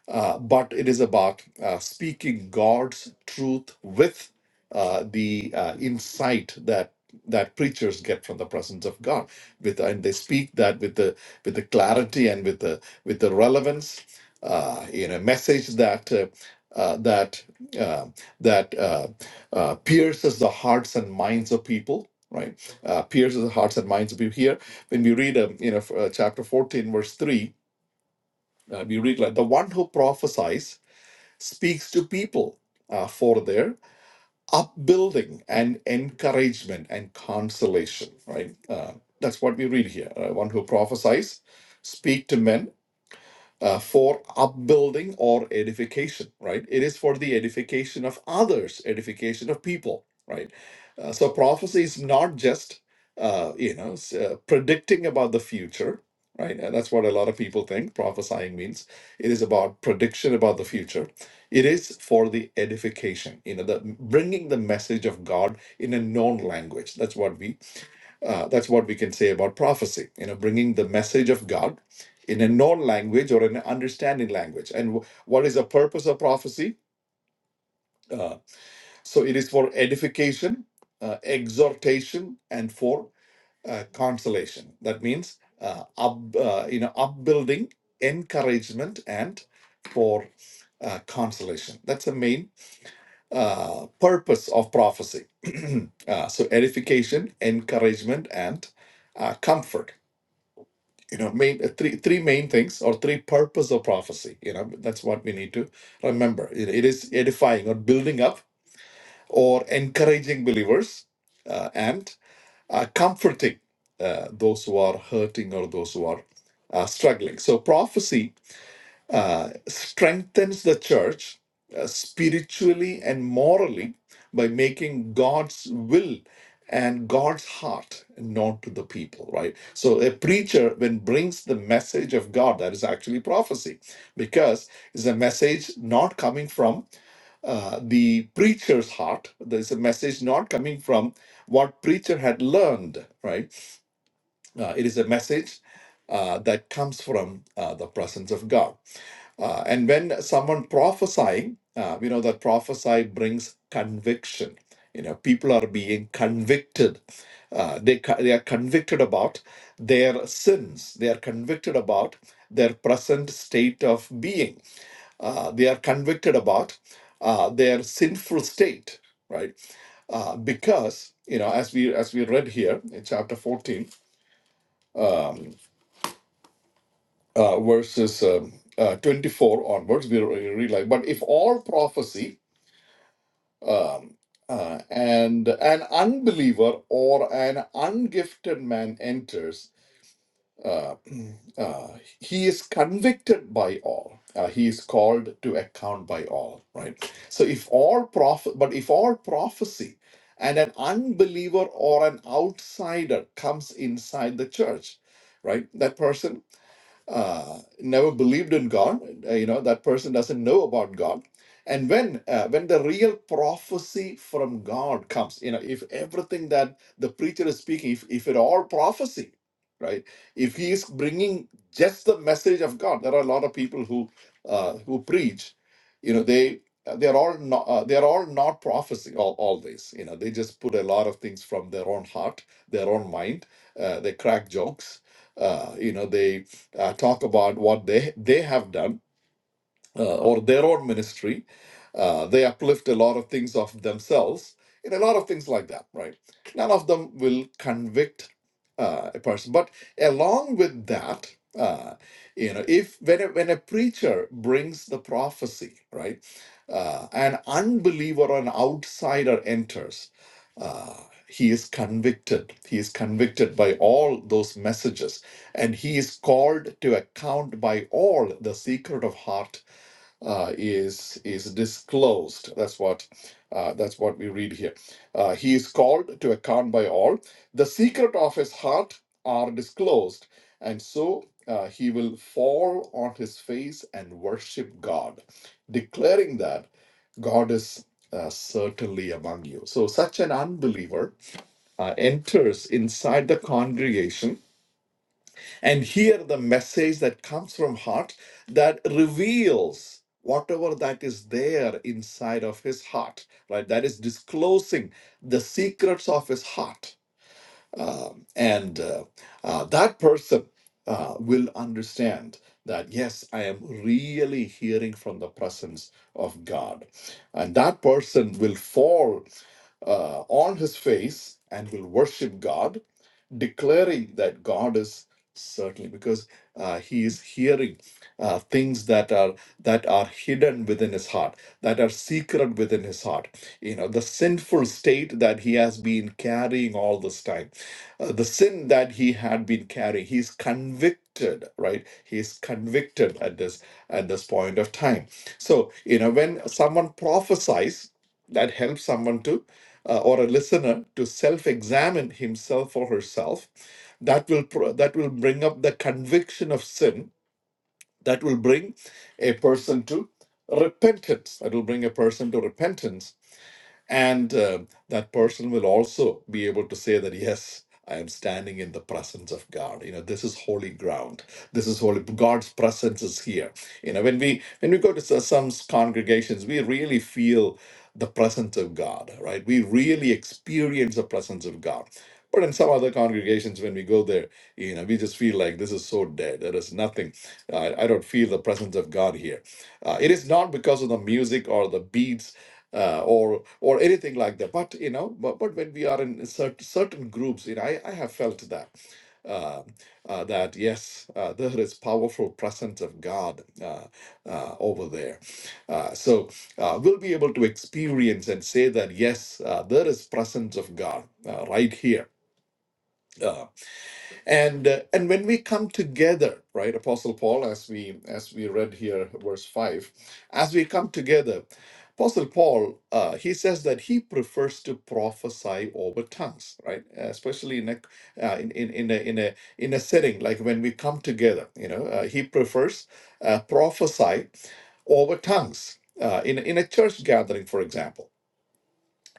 uh, but it is about uh, speaking God's truth with uh, the uh, insight that that preachers get from the presence of God. With and they speak that with the with the clarity and with the with the relevance uh, in a message that. Uh, uh, that uh, that uh, uh, pierces the hearts and minds of people, right? Uh, pierces the hearts and minds of people. Here, when we read, um, you know, f- uh, chapter fourteen, verse three, uh, we read like the one who prophesies speaks to people uh, for their upbuilding and encouragement and consolation, right? Uh, that's what we read here. Uh, one who prophesies, speak to men uh, for upbuilding or edification, right? It is for the edification of others, edification of people, right? Uh, so prophecy is not just, uh, you know, s- uh, predicting about the future, right? And that's what a lot of people think prophesying means. It is about prediction about the future. It is for the edification, you know, the bringing the message of God in a known language. That's what we uh, that's what we can say about prophecy. You know, bringing the message of God in a known language or an understanding language. And w- what is the purpose of prophecy? Uh, so it is for edification, uh, exhortation, and for uh, consolation. That means uh, up, uh, you know, upbuilding, encouragement, and for uh, consolation. That's the main uh, purpose of prophecy. uh, so edification, encouragement, and uh, comfort you know main uh, three three main things or three purpose of prophecy you know that's what we need to remember it, it is edifying or building up or encouraging believers uh, and uh, comforting uh, those who are hurting or those who are uh, struggling so prophecy uh, strengthens the church uh, spiritually and morally by making God's will and God's heart known to the people, right? So a preacher when brings the message of God, that is actually prophecy, because it's a message not coming from uh, the preacher's heart. There's a message not coming from what preacher had learned, right? Uh, it is a message uh, that comes from uh, the presence of God. Uh, and when someone prophesying, uh, we know that prophesy brings conviction. You know, people are being convicted. Uh, they, co- they are convicted about their sins. They are convicted about their present state of being. Uh, they are convicted about uh, their sinful state, right? Uh, because you know, as we as we read here in chapter fourteen, uh, verses um, uh, 24 onwards, we re- realize, but if all prophecy uh, and an unbeliever or an ungifted man enters, uh, uh, he is convicted by all. Uh, he is called to account by all, right? So if all proph. but if all prophecy and an unbeliever or an outsider comes inside the church, right? That person uh, never believed in God. uh, you know that person doesn't know about God. And when uh, when the real prophecy from God comes, you know, if everything that the preacher is speaking, if if it all prophecy, right? If he is bringing just the message of God, there are a lot of people who uh, who preach, you know, they they're all not uh, they're all not prophecy all, always you know they just put a lot of things from their own heart their own mind uh, they crack jokes uh, you know they uh, talk about what they they have done uh, or their own ministry. Uh, they uplift a lot of things of themselves in a lot of things like that, right? None of them will convict uh, a person. But along with that, uh, you know, if when a, when a preacher brings the prophecy, right, uh, an unbeliever or an outsider enters, uh, he is convicted. He is convicted by all those messages, and he is called to account by all the secret of heart uh, is is disclosed. That's what uh, that's what we read here. Uh, he is called to account by all. The secret of his heart are disclosed, and so uh, he will fall on his face and worship God, declaring that God is. Uh, certainly among you. So, such an unbeliever uh, enters inside the congregation and hear the message that comes from heart that reveals whatever that is there inside of his heart right that is disclosing the secrets of his heart Um, and uh, uh, that person uh, will understand that yes i am really hearing from the presence of god and that person will fall uh, on his face and will worship god declaring that God is certainly because uh, he is hearing uh, things that are that are hidden within his heart that are secret within his heart you know the sinful state that he has been carrying all this time uh, the sin that he had been carrying he's convicted right he's convicted at this at this point of time so you know when someone prophesies that helps someone to uh, or a listener to self-examine himself or herself that will pro- that will bring up the conviction of sin that will bring a person to repentance that will bring a person to repentance and uh, that person will also be able to say that, yes, I am standing in the presence of God. You know, this is holy ground. This is holy. God's presence is here. You know, when we when we go to s- some congregations, we really feel the presence of God, right? We really experience the presence of God. But in some other congregations, when we go there, you know, we just feel like this is so dead. There is nothing. I, I don't feel the presence of God here. Uh, it is not because of the music or the beats uh, or or anything like that. But you know, but, but when we are in certain certain groups, you know, I, I have felt that uh, uh, that yes, uh, there is powerful presence of God uh, uh, over there. Uh, so uh, we'll be able to experience and say that yes, uh, there is presence of God uh, right here. uh, and uh, and when we come together right apostle paul as we as we read here verse 5 as we come together apostle paul uh, he says that he prefers to prophesy over tongues right especially in a uh, in, in in a in a in a setting like when we come together you know uh, he prefers uh, prophesy over tongues uh, in a- in a church gathering for example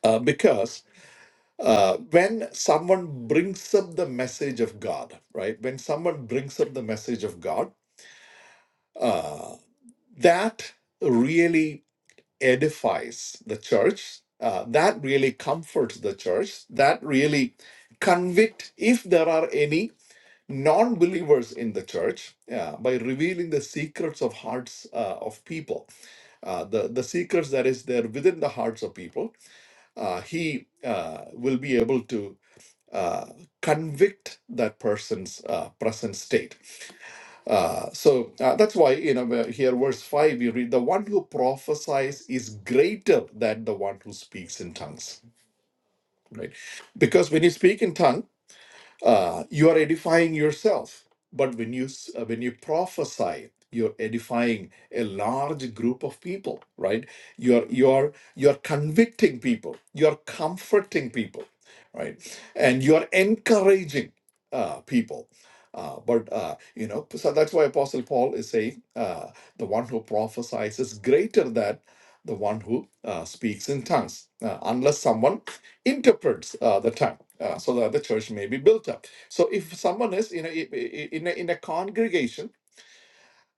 uh, because uh, when someone brings up the message of God, right? When someone brings up the message of God, uh, that really edifies the church. Uh, that really comforts the church. That really convict if there are any non-believers in the church uh, by revealing the secrets of hearts uh, of people uh, the the secrets that is there within the hearts of people uh, he uh, will be able to uh, convict that person's uh, present state. Uh, so uh, that's why, you know, where- here, verse 5, we read, the one who prophesies is greater than the one who speaks in tongues, right? Because when you speak in tongues, uh, you are edifying yourself but when you s- uh, when you prophesy you're edifying a large group of people right you're you're you're convicting people you're comforting people right and you're encouraging uh, people uh, but uh, you know so that's why apostle paul is saying uh, the one who prophesies is greater than the one who uh, speaks in tongues Uh, unless someone interprets uh, the tongue uh, so that the church may be built up. So if someone is in a, in a, in a congregation,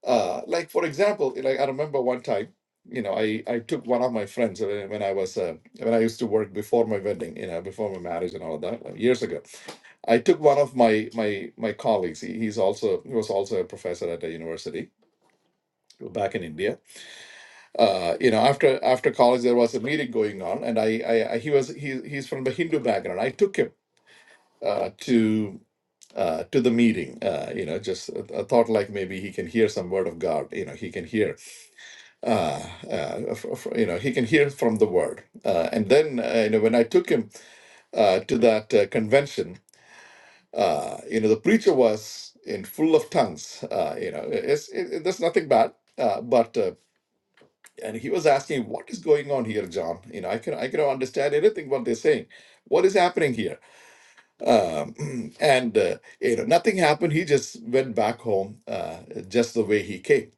uh, like for example, like I remember one time, you know, I, I took one of my friends uh, when I was uh, when I used to work before my wedding, you know, before my marriage and all of that like, years ago. I took one of my my my colleagues. He, he's also he was also a professor at a university back in India. Uh, you know, after after college there was a meeting going on, and I, I, I he was he, he's from the Hindu background. I took him uh, to uh, to the meeting. Uh, you know, just a, a thought like maybe he can hear some word of God. You know, he can hear. Uh, uh, f- f- you know, he can hear from the word. Uh, and then uh, you know, when I took him uh, to that uh, convention, uh, you know, the preacher was in full of tongues. Uh, you know, it's it, it, there's nothing bad, uh, but. Uh, and he was asking, "What is going on here, John? You know, I can I cannot understand anything what they're saying. What is happening here?" Um, and uh, you know, nothing happened. He just went back home, uh, just the way he came.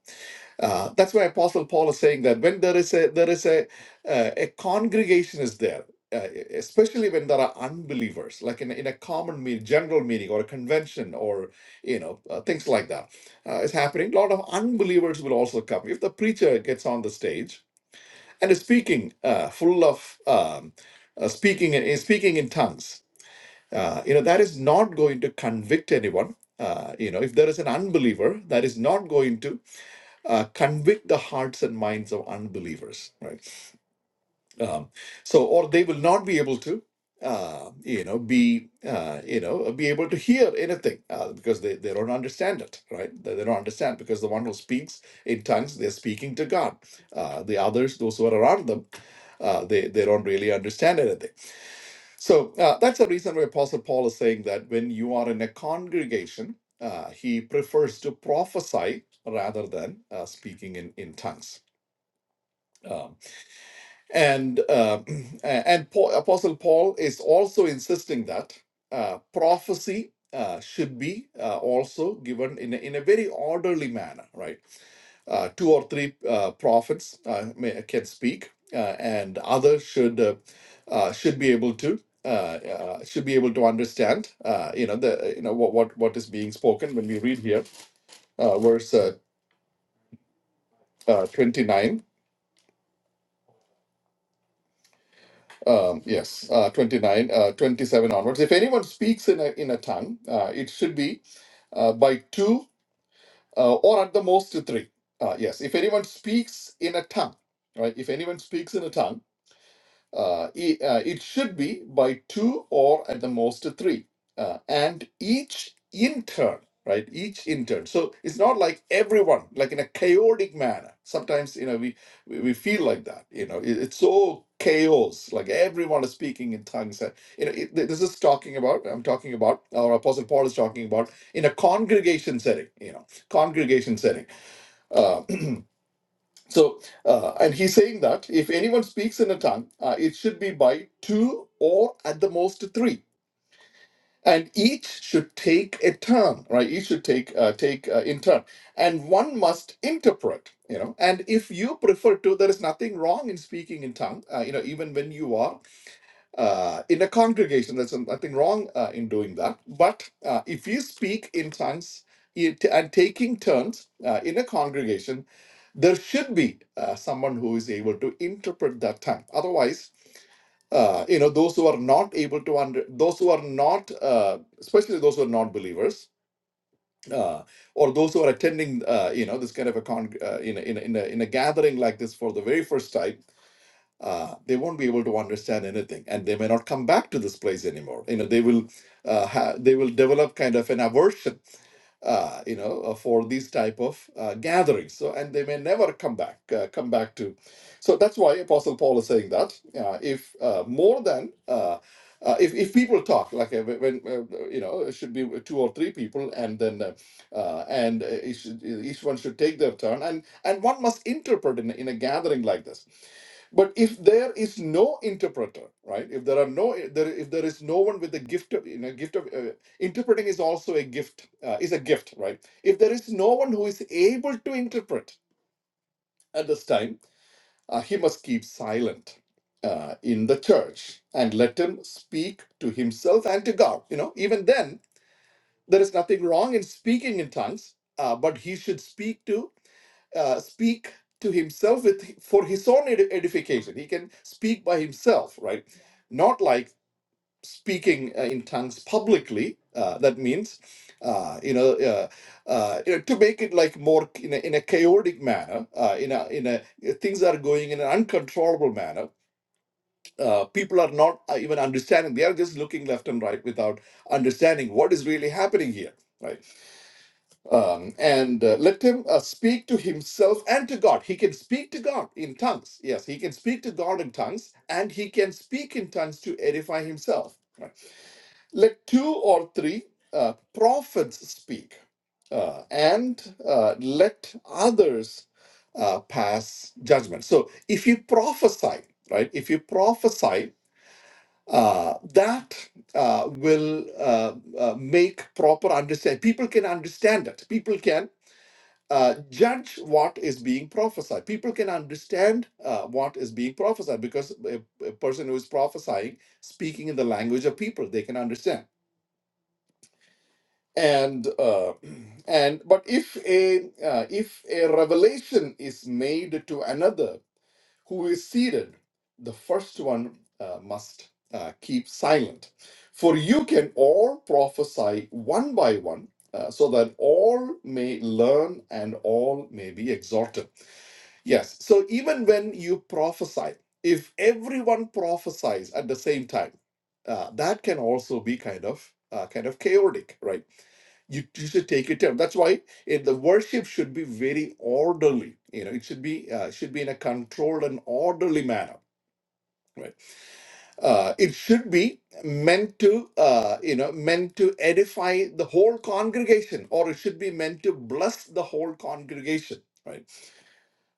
Uh, that's why Apostle Paul is saying that when there is a there is a uh, a congregation is there, uh, especially when there are unbelievers, like in, in a common meeting, general meeting, or a convention, or you know uh, things like that uh, is happening. A lot of unbelievers will also come. If the preacher gets on the stage and is speaking, uh, full of um, uh, speaking in, is speaking in tongues uh, you know that is not going to convict anyone uh, you know if there is an unbeliever that is not going to uh, convict the hearts and minds of unbelievers right um, so or they will not be able to uh, you know be uh, you know be able to hear anything uh, because they, they don't understand it right they, they don't understand because the one who speaks in tongues they're speaking to god uh, the others those who are around them uh, they, they don't really understand anything so uh, that's the reason why Apostle Paul is saying that when you are in a congregation, uh, he prefers to prophesy rather than uh, speaking in, in tongues. Um, and uh, and Paul, Apostle Paul is also insisting that uh, prophecy uh, should be uh, also given in a, in a very orderly manner, right? uh, two or three uh, prophets uh, may, can speak, uh, and others should uh, uh, should be able to uh, uh, should be able to understand. Uh, you know the you know what what what is being spoken when we read here, uh, verse uh, uh, twenty nine. Um, yes, uh, 29, uh, 27 onwards. If anyone speaks in a, in a tongue, uh, it should be uh, by two uh, or at the most three. Uh, yes, if anyone speaks in a tongue, right? If anyone speaks in a tongue, Uh, e- uh, it should be by two or at the most three, uh, and each in turn, right? Each in turn. So it's not like everyone, like in a chaotic manner. Sometimes you know we we we feel like that. You know, it, it's so chaos. Like everyone is speaking in tongues. Uh, You know, it, this is talking about. I'm talking about, our Apostle Paul is talking about in a congregation setting. You know, congregation setting. Uh, So, uh, and he's saying that if anyone speaks in a tongue, uh, it should be by two or at the most three, and each should take a turn, right? Each should take uh, take uh, in turn, and one must interpret. You know, and if you prefer to, there is nothing wrong in speaking in tongue. Uh, you know, even when you are uh, in a congregation. There's nothing wrong uh, in doing that. But uh, if you speak in tongues it, and taking turns uh, in a congregation, there should be uh, someone who is able to interpret that tongue. Otherwise, uh, you know, those who are not able to under, those who are not, uh, especially those who are not believers. Uh, or those who are attending, uh, you know, this kind of a con, uh, in a, in a, in a in a gathering like this for the very first time, uh, they won't be able to understand anything, and they may not come back to this place anymore. You know, they will uh, ha- they will develop kind of an aversion uh, you know, uh, for these type of uh, gatherings. So, and they may never come back, uh, come back to. So that's why Apostle Paul is saying that uh, if uh, more than uh, uh, if if people talk, like uh, when uh, you know, it should be two or three people, and then uh, uh, and uh, each, should- each one should take their turn, and and one must interpret in, a- in a gathering like this. But if there is no interpreter, right? If there are no there if there is no one with the gift of you know gift of uh, interpreting is also a gift uh, is a gift right if there is no one who is able to interpret at this time uh, he must keep silent uh, in the church and let him speak to himself and to god you know even then there is nothing wrong in speaking in tongues uh, but he should speak to uh, speak to himself with for his own ed- edification he can speak by himself right not like speaking uh, in tongues publicly. Uh, that means, uh, you know, uh, uh, you know, to make it like more in a, in a chaotic manner, uh, in a in a uh, things are going in an uncontrollable manner. Uh, people are not uh, even understanding; they are just looking left and right without understanding what is really happening here. Right, um, and uh, let him uh, speak to himself and to God. He can speak to God in tongues. Yes, he can speak to God in tongues, and he can speak in tongues to edify himself. right? let two or three uh, prophets speak, uh, and uh, let others uh, pass judgment. So, if you prophesy, right, if you prophesy, uh, that uh, will uh, uh, make proper understand. People can understand it. People can uh, judge what is being prophesied. People can understand uh, what is being prophesied because a, a person who is prophesying, speaking in the language of people, they can understand and uh, and but if a uh, if a revelation is made to another who is seated the first one uh, must uh, keep silent for you can all prophesy one by one uh, so that all may learn and all may be exhorted Yes. So even when you prophesy, if everyone prophesies at the same time, uh, that can also be kind of uh, kind of chaotic, right? You, you should take your time. That's why it, the worship should be very orderly. You know, it should be uh, should be in a controlled and orderly manner, right? Uh, it should be meant to uh, you know meant to edify the whole congregation, or it should be meant to bless the whole congregation, right?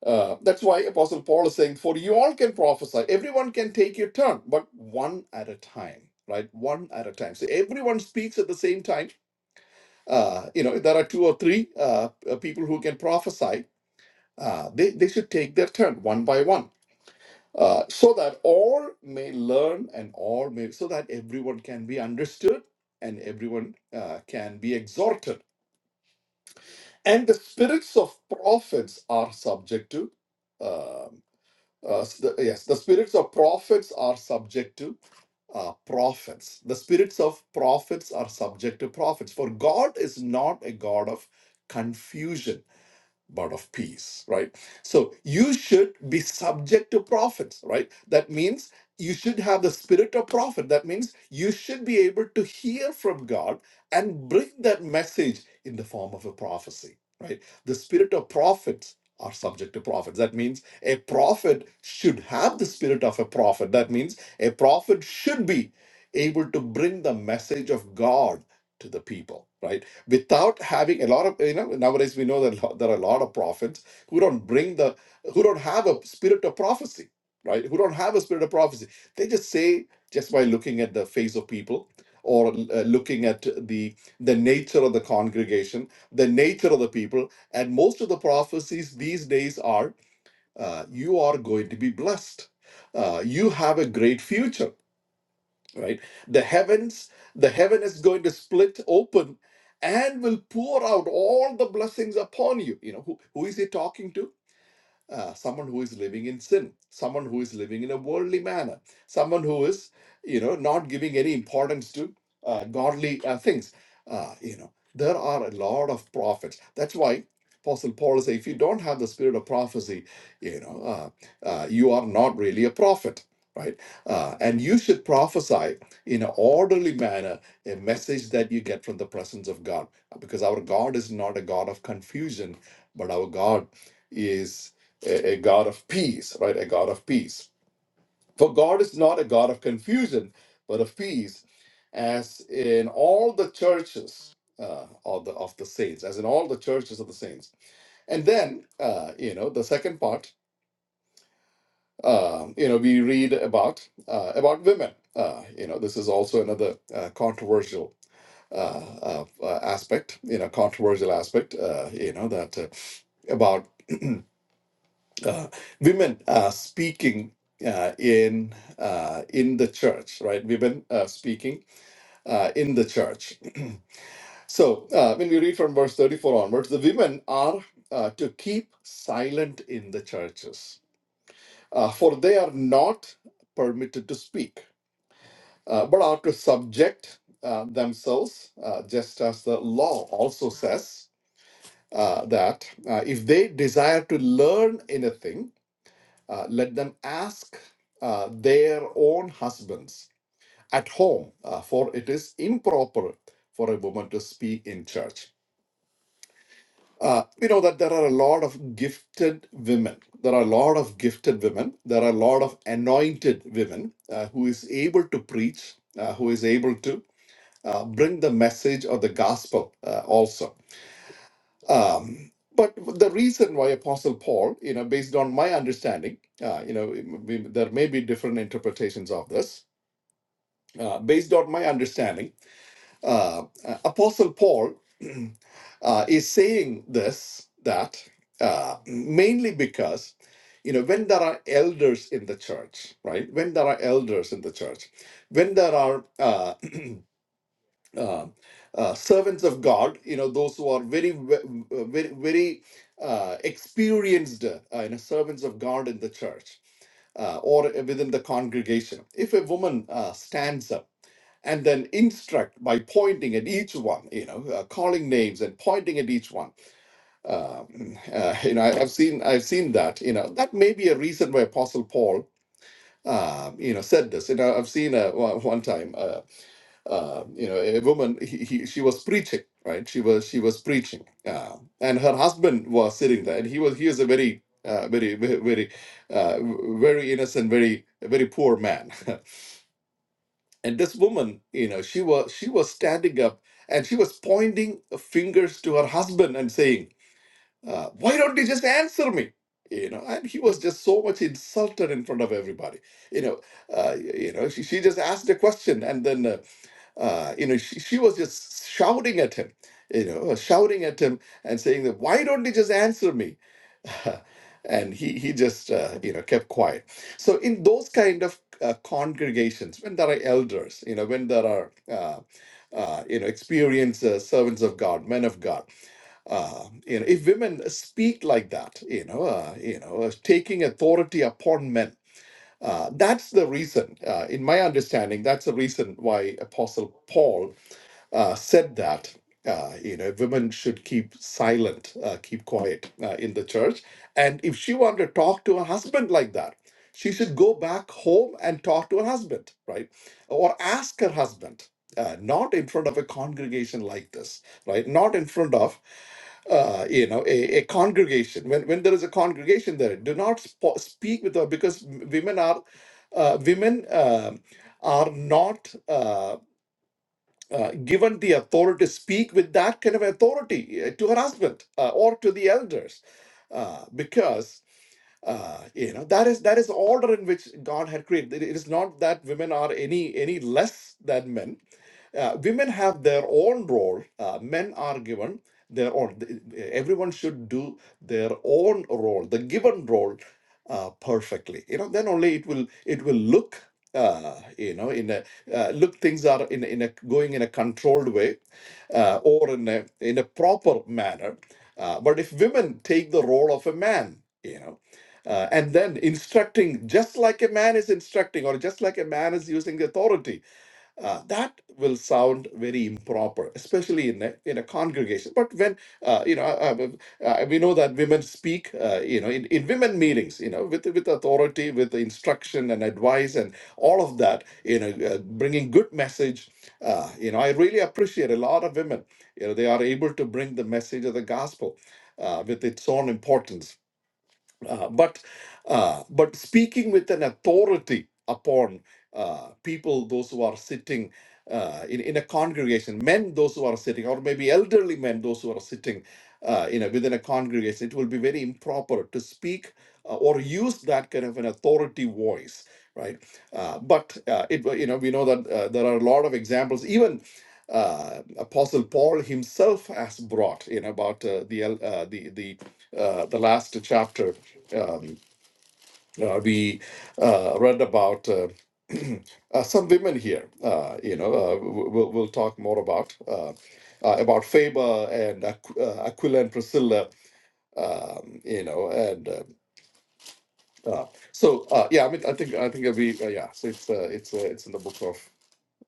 Uh, that's why Apostle Paul is saying, For you all can prophesy, everyone can take your turn, but one at a time, right? One at a time. So everyone speaks at the same time. Uh, you know, if there are two or three uh, uh, people who can prophesy, uh, they, they should take their turn one by one. Uh, so that all may learn and all may, so that everyone can be understood and everyone uh, can be exhorted. And the spirits of prophets are subject to uh, Uh, s- the- yes, the spirits of prophets are subject to uh, prophets. The spirits of prophets are subject to prophets. For God is not a God of confusion but of peace, right? So you should be subject to prophets, right? That means you should have the spirit of prophet. That means you should be able to hear from God and bring that message in the form of a prophecy, right? The spirit of prophets are subject to prophets. That means a prophet should have the spirit of a prophet. That means a prophet should be able to bring the message of God to the people, right? without having a lot of you know nowadays we know that lo- there are a lot of prophets who don't bring the who don't have a spirit of prophecy right who don't have a spirit of prophecy they just say just by looking at the face of people or uh, looking at the the nature of the congregation the nature of the people and most of the prophecies these days are uh, you are going to be blessed uh, you have a great future right the heavens the heaven is going to split open and will pour out all the blessings upon you you know who, who is he talking to uh, someone who is living in sin, someone who is living in a worldly manner, someone who is, you know, not giving any importance to uh, godly uh, things. Uh, you know, there are a lot of prophets. That's why Apostle Paul says, if you don't have the spirit of prophecy, you know, uh, uh, you are not really a prophet. Right, uh, and you should prophesy in an orderly manner a message that you get from the presence of God, because our God is not a God of confusion, but our God is a, a God of peace, right? A God of peace. For God is not a God of confusion, but of peace, as in all the churches uh, of, the, of the saints, as in all the churches of the saints. And then, uh, you know, the second part, um, you know, we read about uh, about women. Uh, you know, this is also another uh, controversial uh, uh, uh, aspect, you know, controversial aspect, uh, you know, that uh, about uh, women uh, speaking uh, in uh, in the church, right? Women uh, speaking uh, in the church. so uh, when we read from verse thirty four onwards, the women are uh, to keep silent in the churches, uh, for they are not permitted to speak, uh, but are to subject. Uh, themselves, uh, just as the law also says uh, that uh, if they desire to learn anything, Uh, let them ask uh, their own husbands at home, uh, for it is improper for a woman to speak in church. Uh, we know that there are a lot of gifted women. There are a lot of gifted women. There are a lot of anointed women uh, who is able to preach, uh, who is able to uh, bring the message of the gospel uh, also. Um, but the reason why Apostle Paul, you know, based on my understanding, uh, you know, we, there may be different interpretations of this. Uh, based on my understanding, uh, uh, Apostle Paul uh, is saying this that uh, mainly because, you know, when there are elders in the church, right? When there are elders in the church, when there are uh, uh, uh, servants of God, you know, those who are very, ve- uh, very, very uh, experienced, uh, you know, servants of God in the church uh, or within the congregation. If a woman uh, stands up and then instruct by pointing at each one, you know, uh, calling names and pointing at each one, uh, uh, you know, I, I've seen, I've seen that, you know, that may be a reason why Apostle Paul. Uh, you know, said this. You know, I've seen uh, one one time. uh, uh, you know a woman he, he she was preaching right she was she was preaching uh, and her husband was sitting there and he was he was a very uh, very ve- very uh, very innocent very very poor man and this woman you know she was she was standing up and she was pointing fingers to her husband and saying uh, why don't you just answer me you know and he was just so much insulted in front of everybody you know uh, you know she, she just asked a question and then uh, uh, you know, she, she was just shouting at him, you know, uh, shouting at him and saying that, why don't you just answer me? and he, he just, uh, you know, kept quiet. So in those kind of uh, congregations, when there are elders, you know, when there are, uh, uh, you know, experienced uh, servants of God, men of God, uh, you know, if women speak like that, you know, uh, you know, uh, taking authority upon men, uh, that's the reason, uh, in my understanding, that's the reason why Apostle Paul uh, said that uh, you know women should keep silent, uh, keep quiet uh, in the church, and if she wanted to talk to her husband like that, she should go back home and talk to her husband, right, or ask her husband. Uh, not in front of a congregation like this, right? Not in front of uh, you know, a, a congregation. When when there is a congregation there, do not spo- speak with her because w- women are uh, women um are not. Uh, uh, given the authority to speak with that kind of authority uh, to her husband uh, or to the elders uh, because uh, you know that is that is the order in which god had created it it is not that women are any any less than men uh, women have their own role uh, men are given their own th- everyone should do their own role the given role uh, perfectly you know then only it will it will look uh, you know in a uh, look things are in a- in a going in a controlled way uh, or in a in a proper manner uh, but if women take the role of a man you know uh, and then instructing just like a man is instructing or just like a man is using the authority uh, that will sound very improper especially in a, in a congregation but when uh, you know uh, uh, uh, we know that women speak uh, you know in, in women meetings you know with with authority with instruction and advice and all of that you know uh, bringing good message uh, you know i really appreciate a lot of women you know they are able to bring the message of the gospel uh, with its own importance uh, but uh, but speaking with an authority upon uh, people those who are sitting uh, in, in a congregation men those who are sitting or maybe elderly men those who are sitting uh, you know, within a congregation, it will be very improper to speak uh, or use that kind of an authority voice, right? Uh, but uh, it, you know, we know that uh, there are a lot of examples, even. Uh, Apostle Paul himself has brought in about uh, the uh, the the uh, the last chapter Um, uh, we uh, read about uh, uh, some women here. Uh, you know, uh, w- we'll, we'll talk more about uh, uh, about Faber and Aqu- uh, Aquila and Priscilla. Um, you know, and uh, uh, so uh, yeah, I mean, I think I think it'll be uh, yeah. So it's uh, it's uh, it's in the book of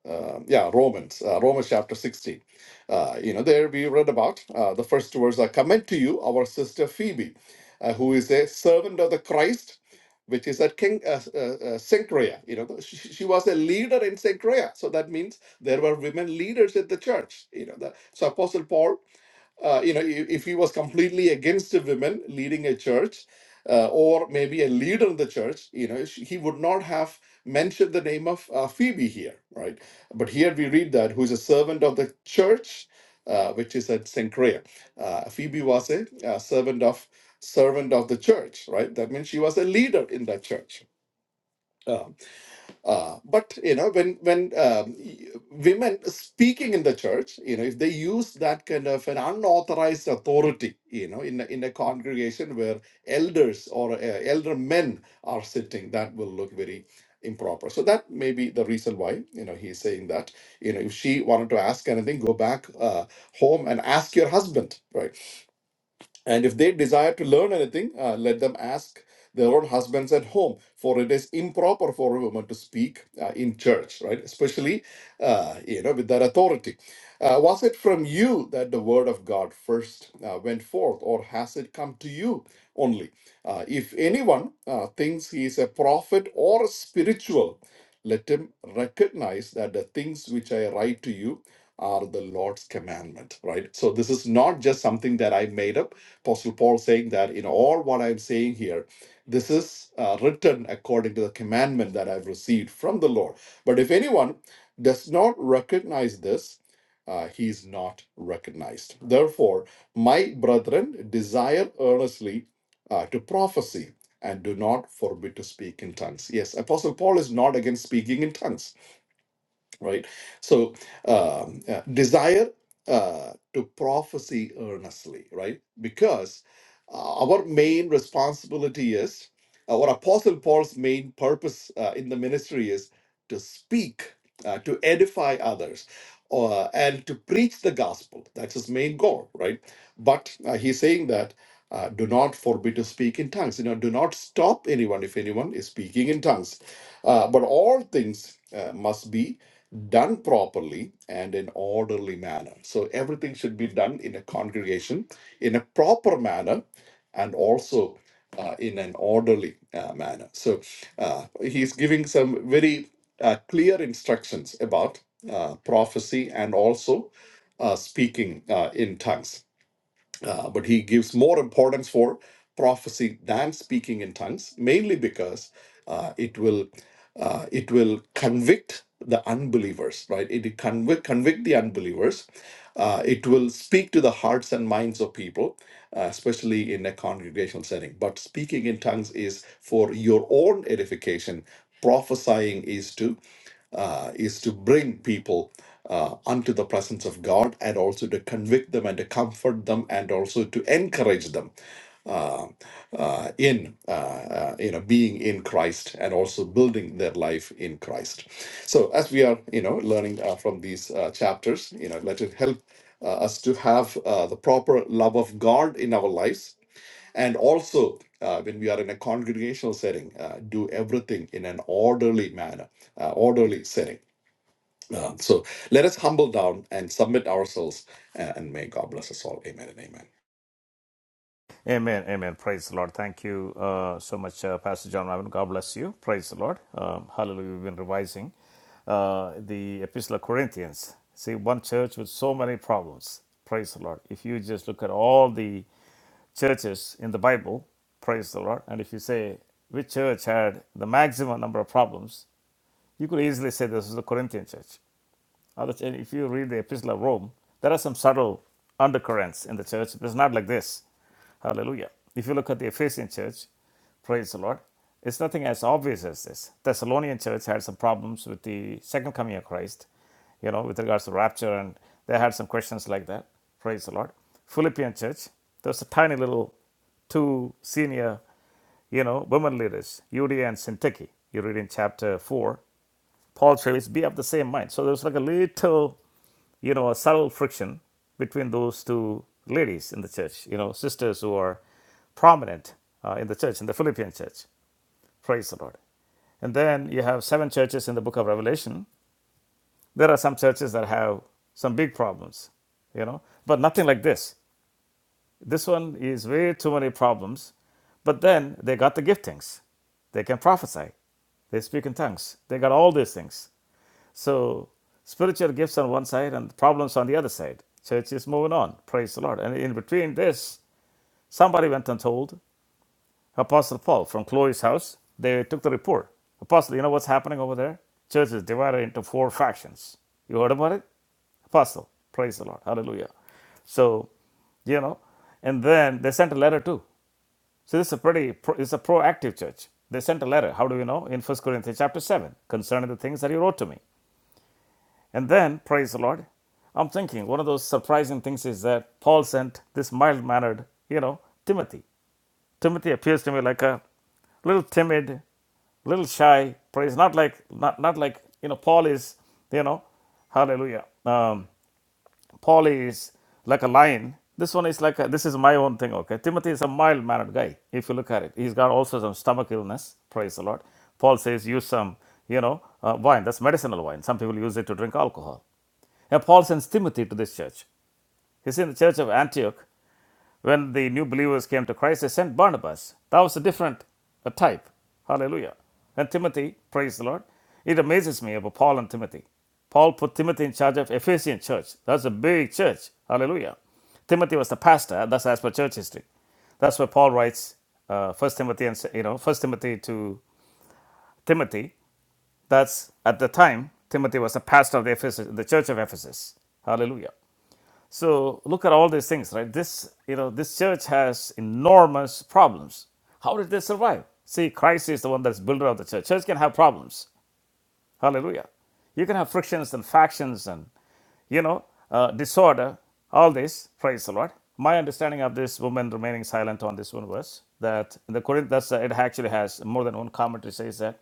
um, yeah, Romans, uh, Romans chapter 16. Uh, you know, there we read about uh, the first two words I commend to you our sister Phoebe, uh, who is a servant of the Christ, which is at King uh, uh, uh, Cenchrea. You know, she, she was a leader in Cenchrea, so that means there were women leaders in the church. You know, the, so Apostle Paul uh, you know, i- if he was completely against the women leading a church, uh, or maybe a leader in the church, you know, sh- he would not have mentioned the name of uh, Phoebe here, right? But here we read that who is a servant of the church, uh, which is at Sincrea. Uh, Phoebe was a, uh servant of servant of the church, right? That means she was a leader in that church. Um, uh, but you know, when when um, y- women speaking in the church, you know, if they use that kind of an unauthorized authority, you know, in a, in a congregation where elders or uh, elder men are sitting, that will look very improper. So that may be the reason why you know he's saying that. You know, if she wanted to ask anything, go back uh, home and ask your husband, right? And if they desire to learn anything, uh, let them ask their own husbands at home, for it is improper for a woman to speak uh, in church, right? Especially, uh, you know, with that authority. Uh, was it from you that the word of God first uh, went forth, or has it come to you only? Uh, if anyone uh, thinks he is a prophet or spiritual, let him recognize that the things which I write to you are the Lord's commandment, right? So this is not just something that I made up Apostle Paul saying that, in all what I'm saying here, this is uh, written according to the commandment that I've received from the Lord. But if anyone does not recognize this, uh, he is not recognized. Therefore, my brethren, desire earnestly uh, to prophesy and do not forbid to speak in tongues. Yes, Apostle Paul is not against speaking in tongues right? So, um, uh, desire uh, to prophecy earnestly, right? Because uh, our main responsibility is, our Apostle Paul's main purpose uh, in the ministry is to speak, uh, to edify others. Uh, and to preach the gospel. That's his main goal, right? But uh, he's saying that uh, do not forbid to speak in tongues. You know, do not stop anyone if anyone is speaking in tongues. Uh, but all things uh, must be done properly and in orderly manner. So everything should be done in a congregation in a proper manner and also uh, in an orderly uh, manner. So uh, he's giving some very uh, clear instructions about uh, prophecy and also uh, speaking uh, in tongues. Uh, but he gives more importance for prophecy than speaking in tongues, mainly because uh, it will uh, it will convict the unbelievers, right? It convict, convict the unbelievers. Uh, it will speak to the hearts and minds of people, uh, especially in a congregational setting. But speaking in tongues is for your own edification. Prophesying is to uh, is to bring people uh, unto the presence of God and also to convict them and to comfort them and also to encourage them uh, uh, in uh, uh, you know being in Christ and also building their life in Christ. So as we are you know learning uh, from these uh, chapters, you know let it help uh, us to have uh, the proper love of God in our lives, and also uh, when we are in a congregational setting, uh, do everything in an orderly manner, uh, orderly setting. Um, so let us humble down and submit ourselves, uh, and may God bless us all. Amen and amen. Amen. Amen. Praise the Lord. Thank you uh, so much, uh, Pastor John Maven. God bless you. Praise the Lord. Um, hallelujah. We've been revising uh, the Epistle of Corinthians. See, one church with so many problems. Praise the Lord. If you just look at all the churches in the Bible, praise the Lord. And if you say which church had the maximum number of problems, you could easily say this is the Corinthian church. If you read the Epistle of Rome, there are some subtle undercurrents in the church. It's not like this. Hallelujah. If you look at the Ephesian church, praise the Lord, it's nothing as obvious as this. Thessalonian church had some problems with the second coming of Christ, you know, with regards to rapture, and they had some questions like that. Praise the Lord. Philippian church, there's a tiny little two senior you know, women leaders, Judea and Syntyche. You read in chapter 4. Paul Travis be of the same mind. So there was like a little, you know, a subtle friction between those two ladies in the church, you know, sisters who are prominent uh, in the church, in the Philippian church. Praise the Lord. And then you have seven churches in the book of Revelation. There are some churches that have some big problems, you know, but nothing like this. This one is way too many problems. But then they got the giftings. They can prophesy. They speak in tongues. They got all these things. So spiritual gifts on one side and problems on the other side. Church is moving on. Praise the Lord. And in between this, somebody went and told Apostle Paul from Chloe's house. They took the report. Apostle, you know what's happening over there? Church is divided into four factions. You heard about it? Apostle. Praise the Lord. Hallelujah. So, you know, and then they sent a letter too. So this is a pretty, pro- it's a proactive church. They sent a letter. How do we know? In First Corinthians chapter 7, concerning the things that he wrote to me. And then, praise the Lord, I'm thinking one of those surprising things is that Paul sent this mild mannered, you know, Timothy. Timothy appears to me like a little timid, little shy, praise not like not not like you know, Paul is, you know, hallelujah. Um, Paul is like a lion. This one is like a, this is my own thing, okay? Timothy is a mild mannered guy, if you look at it. He's got also some stomach illness, praise the Lord. Paul says use some, you know, uh, wine. That's medicinal wine. Some people use it to drink alcohol. Paul sends Timothy to this church. He's in the church of Antioch. When the new believers came to Christ, they sent Barnabas. That was a different a type. Hallelujah. And Timothy, praise the Lord. It amazes me about Paul and Timothy. Paul put Timothy in charge of Ephesian church. That's a big church. Hallelujah. Timothy was the pastor. That's as per church history. That's where Paul writes uh, First Timothy and you know First Timothy to Timothy. That's at the time Timothy was the pastor of the, Ephes- the church of Ephesus. Hallelujah. So look at all these things, right? This, you know, this church has enormous problems. How did they survive? See, Christ is the one that's builder of the church. Church can have problems. Hallelujah. You can have frictions and factions and you know uh, disorder. All this, praise the Lord. My understanding of this woman remaining silent on this one was that in the Corinth, that's, uh, it actually has more than one commentary says that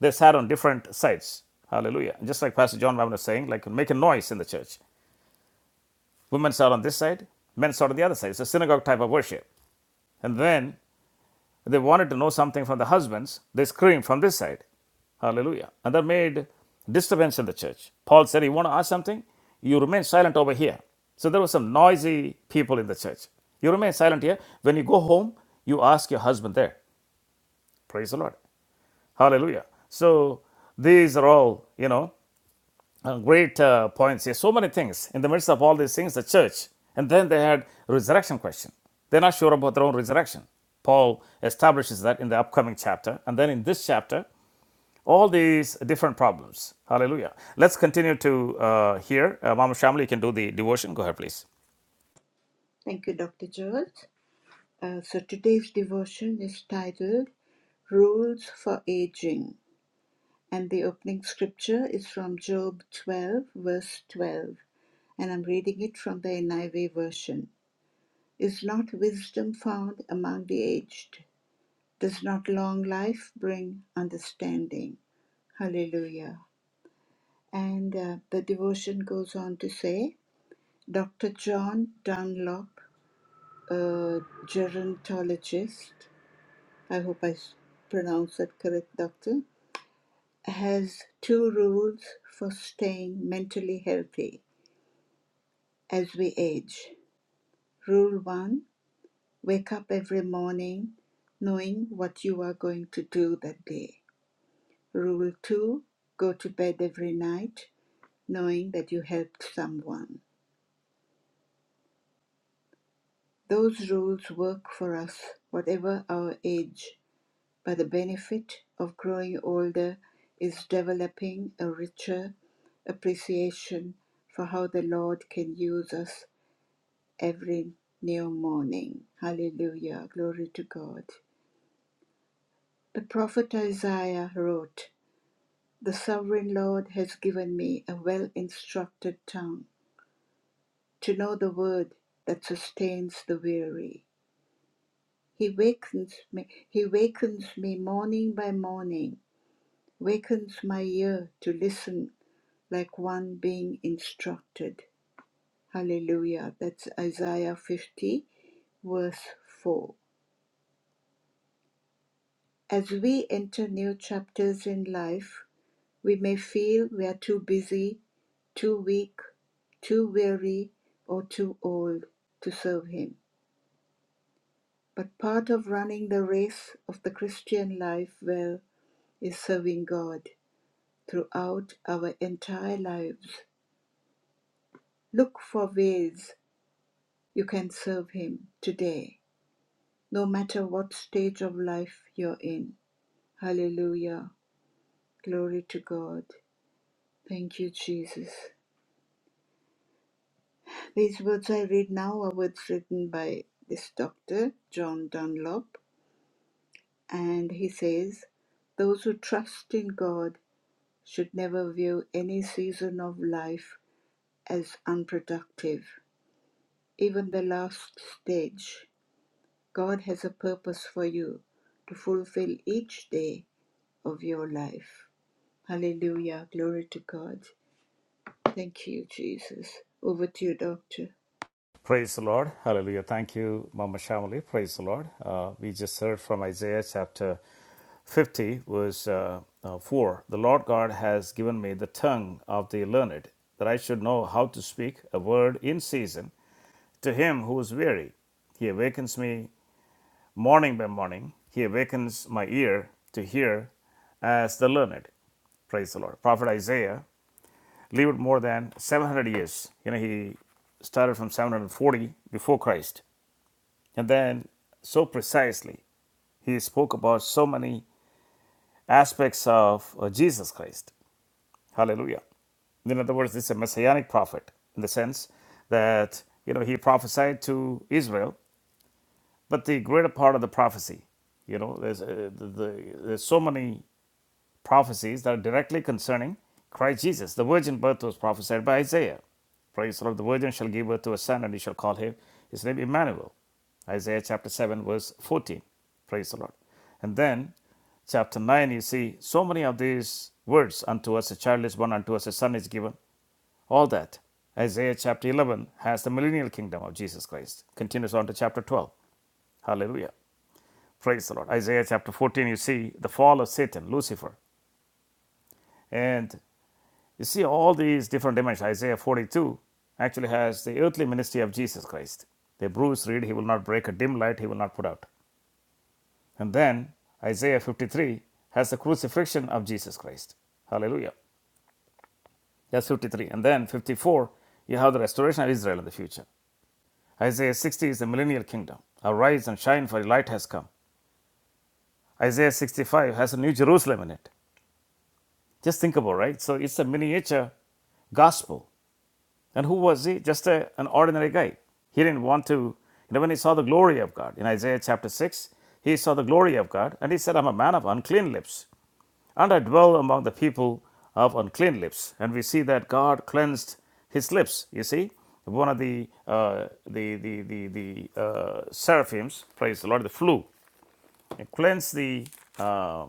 they sat on different sides. Hallelujah. Just like Pastor John Mammon was saying, like make a noise in the church. Women sat on this side, men sat on the other side. It's a synagogue type of worship. And then they wanted to know something from the husbands, they screamed from this side. Hallelujah. And that made disturbance in the church. Paul said, You want to ask something? You remain silent over here. So there were some noisy people in the church. You remain silent here. When you go home, you ask your husband there. Praise the Lord. Hallelujah. So these are all, you know, uh, great uh, points here. So many things. In the midst of all these things, the church, and then they had resurrection question. They're not sure about their own resurrection. Paul establishes that in the upcoming chapter, and then in this chapter, all these different problems. Hallelujah. Let's continue to uh, here. Uh, Mama Shamli, you can do the devotion. Go ahead, please. Praise the Lord. Hallelujah. Thank you, Mama Shamali. Praise the Lord. Uh, we just heard from Isaiah chapter 50, verse uh, uh, 4. The Lord God has given me the tongue of the learned, that I should know how to speak a word in season to him who is weary. He awakens me morning by morning. He awakens my ear to hear as the learned. Praise the Lord. Prophet Isaiah lived more than 700 years. You know, he started from 740 before Christ. And then, so precisely, he spoke about so many aspects of uh, Jesus Christ. Hallelujah. In other words, this is a messianic prophet in the sense that, you know, he prophesied to Israel, but the greater part of the prophecy, you know, there's, uh, the, the, there's so many prophecies that are directly concerning Christ Jesus. The virgin birth was prophesied by Isaiah. Praise the Lord. The virgin shall give birth to a son, and he shall call him his name Emmanuel. Isaiah chapter 7, verse 14. Praise the Lord. And then chapter 9, you see so many of these words unto us a child is born, unto us a son is given. All that. Isaiah chapter 11 has the millennial kingdom of Jesus Christ. Continues on to chapter 12. Hallelujah. Praise the Lord. Isaiah chapter 14, you see the fall of Satan, Lucifer. And You see, all these different dimensions. Isaiah 42 actually has the earthly ministry of Jesus Christ. The bruised reed he will not break, a dim light he will not put out. And then Isaiah 53 has the crucifixion of Jesus Christ. Hallelujah. That's 53. And then 54, you have the restoration of Israel in the future. Isaiah 60 is the millennial kingdom. Arise and shine, for your light has come. Isaiah 65 has a new Jerusalem in it. Just think about it, right. So it's a miniature gospel And who was he? Just a, an ordinary guy. He didn't want to, you know, when he saw the glory of God in Isaiah chapter 6, he saw the glory of God and he said, I'm a man of unclean lips and I dwell among the people of unclean lips. And we see that God cleansed his lips. You see, one of the, uh, the, the, the, the uh, seraphims, praise the Lord, the flew, and cleansed the, uh,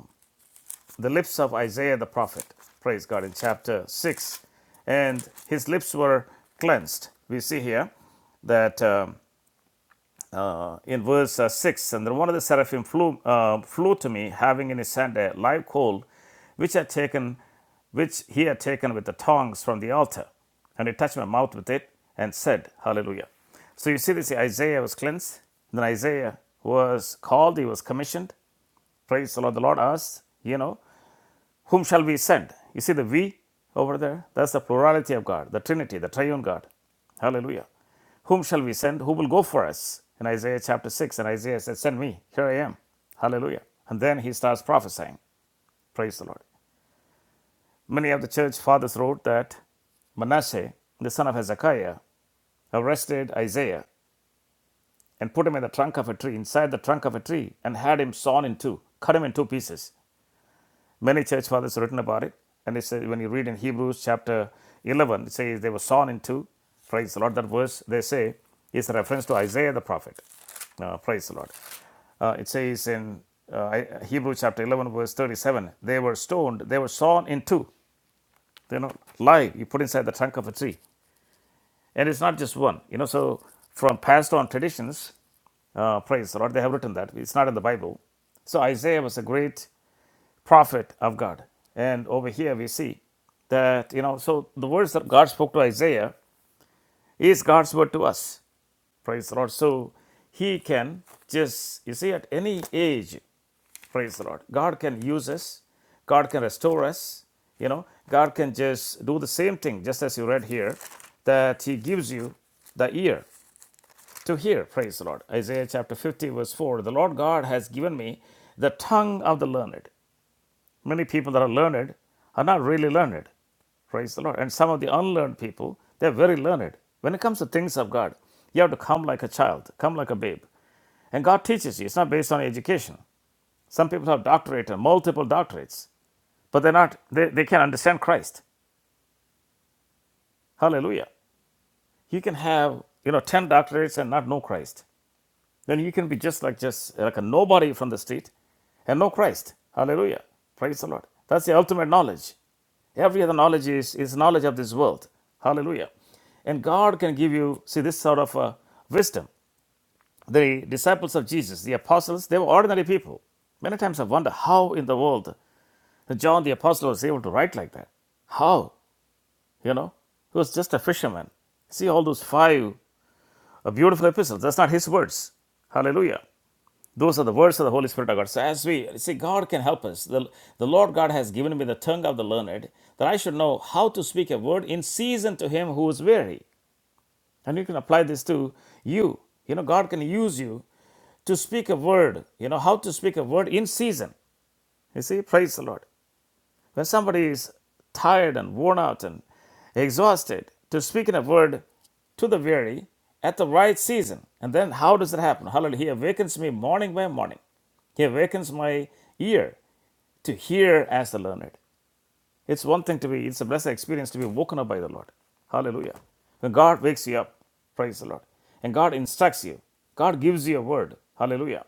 the lips of Isaiah the prophet. Praise God in chapter 6. And his lips were cleansed. We see here that um, in verse uh, 6 and then one of the seraphim flew, uh, flew to me, having in his hand a live coal which had taken which he had taken with the tongs from the altar. And he touched my mouth with it and said, Hallelujah. So you see this Isaiah was cleansed. Then Isaiah was called, he was commissioned. Praise the Lord. The Lord asked, you know, whom shall we send? You see the we over there? That's the plurality of God, the Trinity, the triune God. Hallelujah. Whom shall we send? Who will go for us? In Isaiah chapter 6, and Isaiah said, Send me, here I am. Hallelujah. And then he starts prophesying. Praise the Lord. Many of the church fathers wrote that Manasseh, the son of Hezekiah, arrested Isaiah and put him in the trunk of a tree, inside the trunk of a tree, and had him sawn in two, cut him in two pieces. Many church fathers have written about it, and it says when you read in Hebrews chapter 11, it says they were sawn in two. Praise the Lord. That verse they say is a reference to Isaiah the prophet. Uh, praise the Lord. Uh, it says in uh, Hebrews chapter 11, verse 37, they were stoned, they were sawn in two. You know, live, you put inside the trunk of a tree. And it's not just one. You know, so from passed on traditions, uh, praise the Lord, they have written that. It's not in the Bible. So Isaiah was a great prophet of God. And over here we see that, you know, so the words that God spoke to Isaiah is God's word to us. Praise the Lord. So he can just, you see, at any age, praise the Lord, God can use us, God can restore us, you know, God can just do the same thing, just as you read here, that he gives you the ear to hear. Praise the Lord. Isaiah chapter 50, verse 4 The Lord God has given me the tongue of the learned Many people that are learned are not really learned. Praise the Lord. And some of the unlearned people, they're very learned. When it comes to things of God, you have to come like a child, come like a babe. And God teaches you. It's not based on education. Some people have doctorate and multiple doctorates, but they're not they, they can't understand Christ. Hallelujah. You can have, you know, ten doctorates and not know Christ. Then you can be just like just like a nobody from the street and know Christ. Hallelujah. Praise the Lord. That's the ultimate knowledge. Every other knowledge is, is knowledge of this world. Hallelujah. And God can give you, see, this sort of uh, wisdom. The disciples of Jesus, the apostles, they were ordinary people. Many times I wonder how in the world John the apostle was able to write like that. How? You know? He was just a fisherman. See all those five uh, beautiful epistles. That's not his words. Hallelujah. Those are the words of the Holy Spirit of God. So, as we see, God can help us. The, the Lord God has given me the tongue of the learned, that I should know how to speak a word in season to him who is weary. And you can apply this to you. You know, God can use you to speak a word, you know, how to speak a word in season. You see, praise the Lord. When somebody is tired and worn out and exhausted, to speak in a word to the weary at the right season. And then how does it happen? Hallelujah. He awakens me morning by morning. He awakens my ear to hear as the learned. It's one thing to be, it's a blessed experience to be woken up by the Lord. Hallelujah. When God wakes you up, praise the Lord. And God instructs you. God gives you a word. Hallelujah.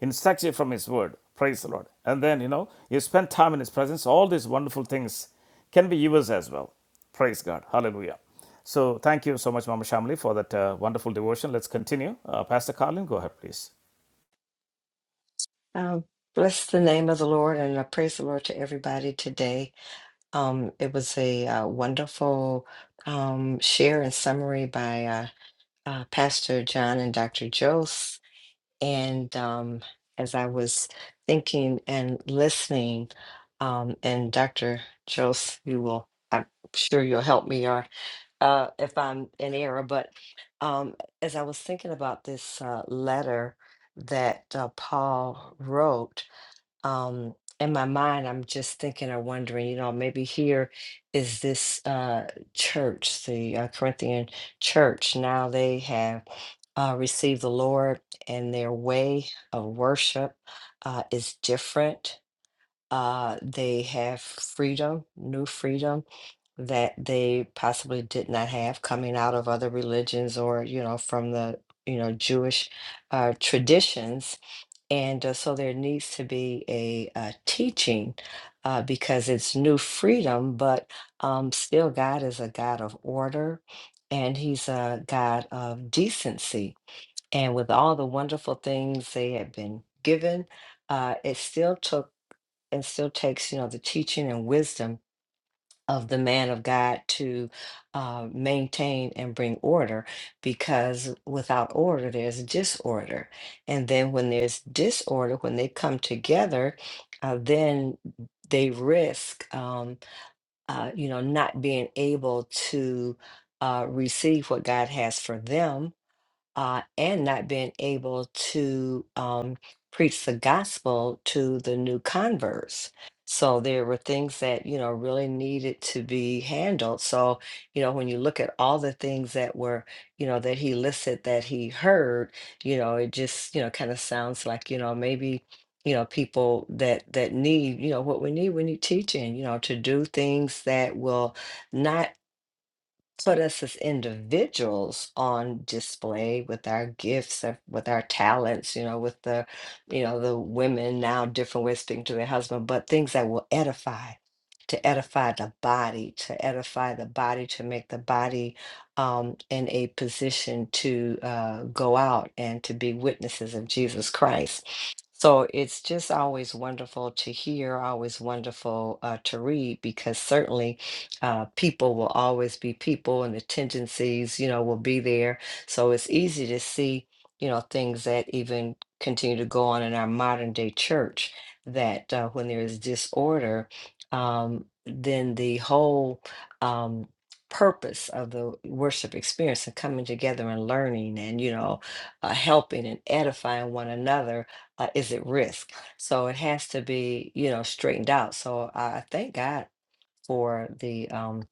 Instructs you from His word. Praise the Lord. And then, you know, you spend time in His presence. All these wonderful things can be yours as well. Praise God. Hallelujah. So thank you so much, Mama Shamli, for that uh, wonderful devotion. Let's continue. Uh, Pastor Carlin, go ahead, please. Um, bless the name of the Lord and I praise the Lord to everybody today. Um, it was a uh, wonderful um, share and summary by uh, uh, Pastor John and Dr. Jose. And um, as I was thinking and listening, um, and Dr. Jose, you will, I'm sure you'll help me or uh, if I'm in error, but um, as I was thinking about this uh, letter that uh, Paul wrote, um in my mind i'm just thinking or wondering you know maybe here is this uh church the uh, corinthian church now they have uh, received the lord and their way of worship uh, is different uh, they have freedom new freedom that they possibly did not have coming out of other religions or you know from the you know jewish uh, traditions and uh, so there needs to be a, uh teaching uh, because it's new freedom, but um, still, God is a God of order and He's a God of decency. And with all the wonderful things they had been given, uh, it still took and still takes, you know, the teaching and wisdom of the man of God to uh, maintain and bring order because without order, there's disorder. And then when there's disorder, when they come together, uh, then they risk, um, uh, you know, not being able to uh, receive what God has for them uh, and not being able to um, preach the gospel to the new converts. So there were things that, you know, really needed to be handled. So, you know, when you look at all the things that were, you know, that he listed that he heard, you know, it just, you know, kind of sounds like, you know, maybe you know people that that need you know what we need we need teaching you know to do things that will not put us as individuals on display with our gifts uh, with our talents you know with the you know the women now different ways of speaking to their husband but things that will edify to edify the body to edify the body to make the body um, in a position to uh, go out and to be witnesses of jesus christ so it's just always wonderful to hear always wonderful uh, to read because certainly uh, people will always be people and the tendencies, you know, will be there. So it's easy to see, you know, things that even continue to go on in our modern day church that uh, when there is disorder, um, then the whole um, purpose of the worship experience and coming together and learning and, you know, uh, helping and edifying one another uh, is at risk. So it has to be, you know, straightened out. So I I thank God for the um,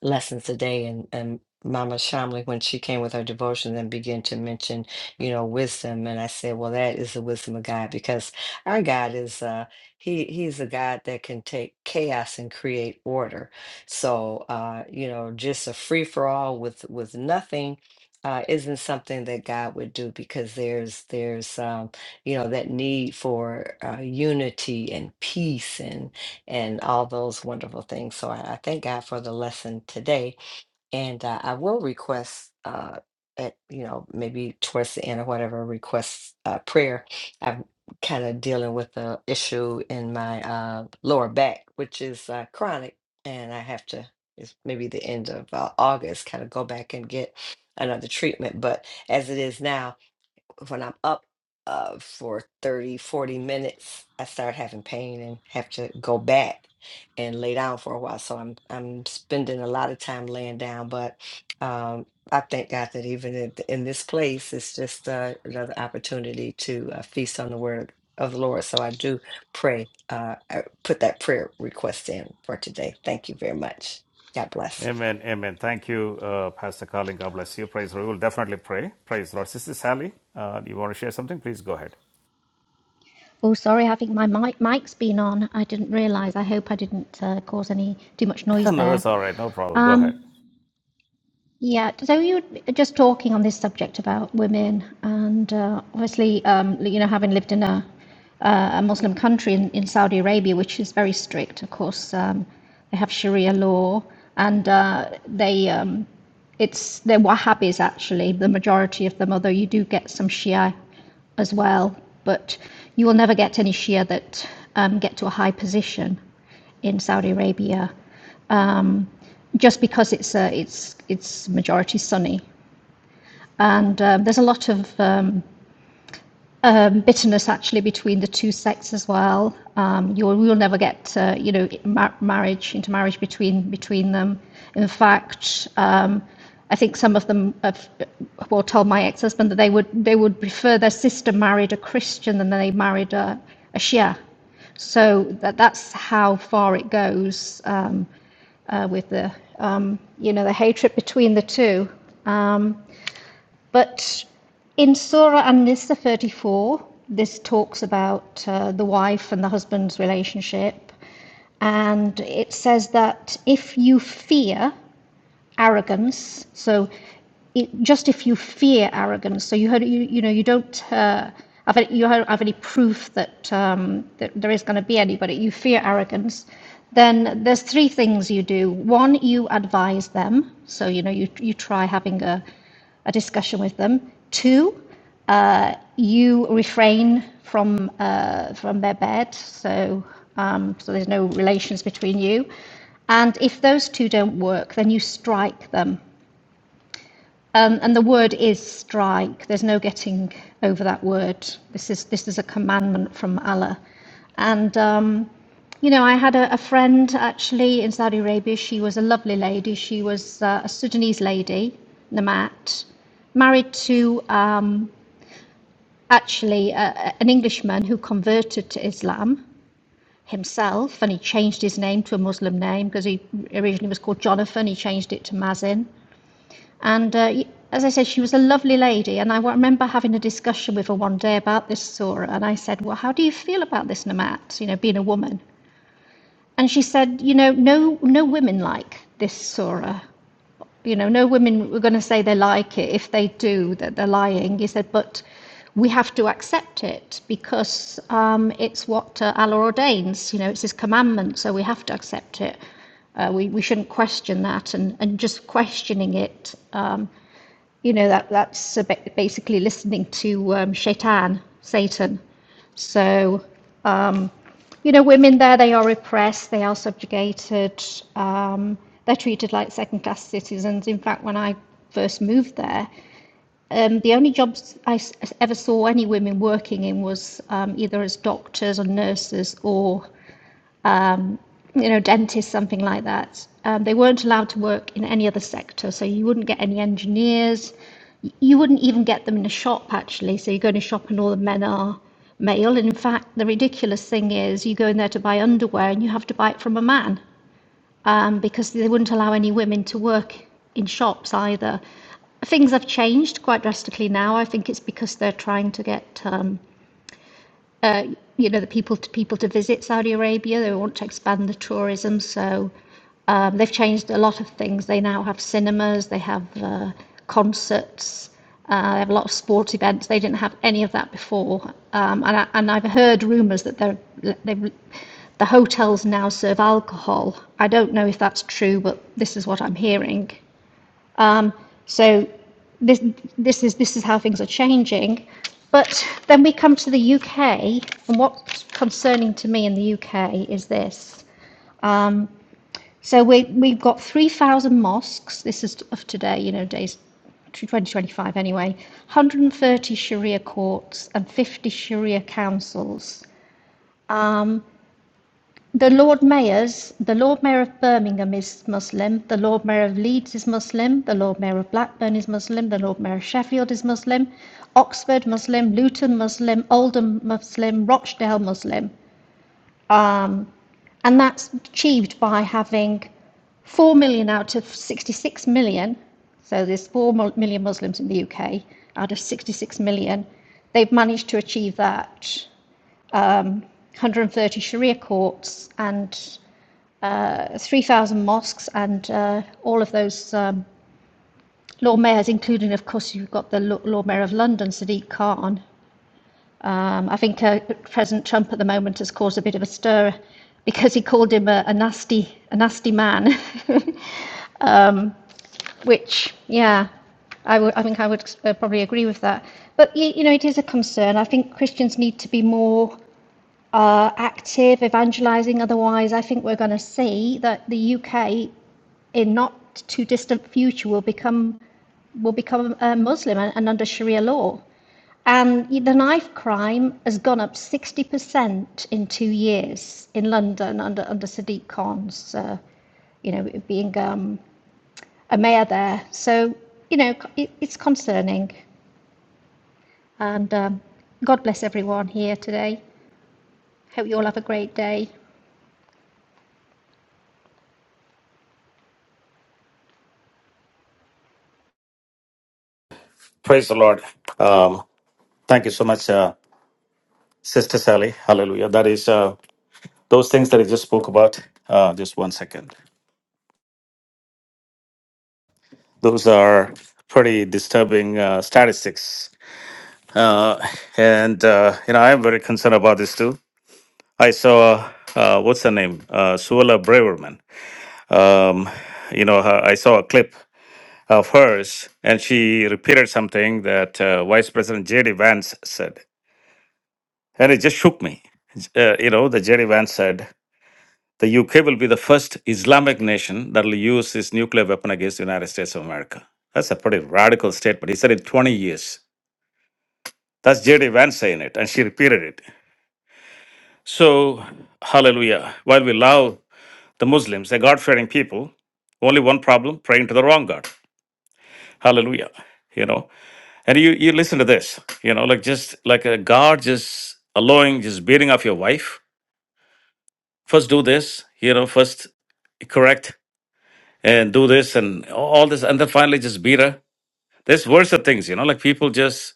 lessons today and, and Mama Shamley, when she came with her devotion, then began to mention, you know, wisdom. And I said, well, that is the wisdom of God because our God is, uh, he, he's a God that can take chaos and create order. So, uh, you know, just a free for all with, with nothing uh, isn't something that God would do because there's, there's, um, you know, that need for uh, unity and peace and, and all those wonderful things. So I, I thank God for the lesson today. And uh, I will request, uh, at, you know, maybe towards the end or whatever, request uh, prayer. I'm kind of dealing with a issue in my uh, lower back, which is uh, chronic, and I have to. It's maybe the end of uh, August, kind of go back and get another treatment. But as it is now, when I'm up uh, for 30, 40 minutes, I start having pain and have to go back and lay down for a while. So I'm I'm spending a lot of time laying down, but um, I thank God that even in, in this place, it's just uh, another opportunity to uh, feast on the word of the Lord. So I do pray, uh, I put that prayer request in for today. Thank you very much. God bless. Amen. Amen. Thank you, uh, Pastor Carlin. God bless you. Praise the Lord. We will definitely pray. Praise the Lord. Sister Sally, uh, do you want to share something? Please go ahead. Oh, sorry, I think my mic, mic's been on. I didn't realise. I hope I didn't uh, cause any too much noise no, there. that's all right. No problem. Go ahead. Um, yeah, so you were just talking on this subject about women, and uh, obviously, um, you know, having lived in a, uh, a Muslim country in, in Saudi Arabia, which is very strict, of course, um, they have Sharia law, and uh, they um, it's they're Wahhabis actually, the majority of them, although you do get some Shia as well, but you will never get any Shia that um, get to a high position in Saudi Arabia. Um, just because it's uh, it's it's majority Sunni. And um, there's a lot of um, um, bitterness actually between the two sects as well. Um, you'll you'll never get uh, you know mar- marriage intermarriage between between them. In fact, um, I think some of them have, well told my ex-husband that they would they would prefer their sister married a Christian than they married a, a Shia. So that that's how far it goes. Um, uh, with the um, you know the hatred between the two. Um, but in Surah An-Nisa 34, this talks about uh, the wife and the husband's relationship, and it says that if you fear arrogance. So it, just if you fear arrogance, so you heard, you, you know, you don't uh, have, any, you have any proof that, um, that there is going to be anybody, you fear arrogance, then there's three things you do. One, you advise them. So, you know, you, you try having a, a discussion with them. Two, uh, you refrain from uh, from their bed, so um, so there's no relations between you. And if those two don't work, then you strike them. Um, and the word is strike. There's no getting over that word. This is this is a commandment from Allah. And um, you know, I had a, a friend actually in Saudi Arabia. She was a lovely lady. She was uh, a Sudanese lady, Namat, married to. Um, actually uh, uh, an Englishman who converted to Islam himself, and he changed his name to a Muslim name because he originally was called Jonathan. He changed it to Mazin, and. Uh, as I said, she was a lovely lady, and I remember having a discussion with her one day about this surah. And I said, "Well, how do you feel about this, Namat? You know, being a woman." And she said, "You know, no, no women like this surah. You know, no women were going to say they like it. If they do, that they're lying. He said, but we have to accept it because um, it's what uh, Allah ordains. You know, it's His commandment, so we have to accept it. Uh, we, we shouldn't question that, and, and just questioning it, um, you know, that that's basically listening to um, Shaitan, Satan. So you know, women there, they are repressed, they are subjugated, um, they're treated like second class citizens. In fact, when I first moved there, um, the only jobs I ever saw any women working in was um, either as doctors or nurses or, you know, dentists, something like that. Um, they weren't allowed to work in any other sector, so you wouldn't get any engineers, you wouldn't even get them in a shop actually. So you go in a shop and all the men are male. And in fact, the ridiculous thing is you go in there to buy underwear and you have to buy it from a man um, because they wouldn't allow any women to work in shops either. Things have changed quite drastically now. I think it's because they're trying to get um, you know, the people to people to visit Saudi Arabia. They want to expand the tourism, so um, they've changed a lot of things. They now have cinemas, they have uh, concerts, uh, they have a lot of sport events. They didn't have any of that before, um, and I, and I've heard rumours that they're they've. The hotels now serve alcohol. I don't know if that's true, but this is what I'm hearing. So this this is this is how things are changing. But then we come to the UK, and what's concerning to me in the UK is this. So we we've got three thousand mosques. This is of today, you know, days. 2025 anyway, 130 Sharia courts and 50 Sharia councils. The Lord Mayors, the Lord Mayor of Birmingham is Muslim, the Lord Mayor of Leeds is Muslim, the Lord Mayor of Blackburn is Muslim, the Lord Mayor of Sheffield is Muslim, Oxford Muslim, Luton Muslim, Oldham Muslim, Rochdale Muslim. And that's achieved by having 4 million out of 66 million, so there's four million Muslims in the UK out of 66 million, they've managed to achieve that. 130 Sharia courts and 3,000 mosques, and uh, all of those um, Lord Mayors, including, of course, you've got the Lord Mayor of London, Sadiq Khan. Um, I think uh, President Trump at the moment has caused a bit of a stir because he called him a, a nasty, a nasty man, which, yeah, I w- I think I would uh, probably agree with that. But you, you know, it is a concern. I think Christians need to be more uh, active evangelizing. Otherwise, I think we're going to see that the UK in not too distant future will become will become a Muslim and, and under Sharia law. And the knife crime has gone up 60% in two years in London under, under Sadiq Khan's, uh, you know, being um, a mayor there. So, you know, it, it's concerning. And um, God bless everyone here today. Hope you all have a great day. Praise the Lord. Um, thank you so much, uh, Sister Sally. Hallelujah. That is uh, those things that I just spoke about. Uh, just one second. Those are pretty disturbing uh, statistics, uh, and uh, you know I am very concerned about this too. I saw uh, what's her name, uh, Suella Braverman. um, you know, her, I saw a clip of hers, and she repeated something that uh, Vice President J.D. Vance said, and it just shook me. Uh, you know, the J.D. Vance said, "The UK will be the first Islamic nation that will use its nuclear weapon against the United States of America." That's a pretty radical statement. He said in 20 years. That's J.D. Vance saying it, and she repeated it. So, hallelujah. While we love the Muslims, they're God fearing people, only one problem praying to the wrong God. Hallelujah. You know, And you you listen to this, you know, like just like a God just allowing, just beating up your wife. First do this, you know, first correct and do this and all this, and then finally just beat her. There's worse of things, you know, like people just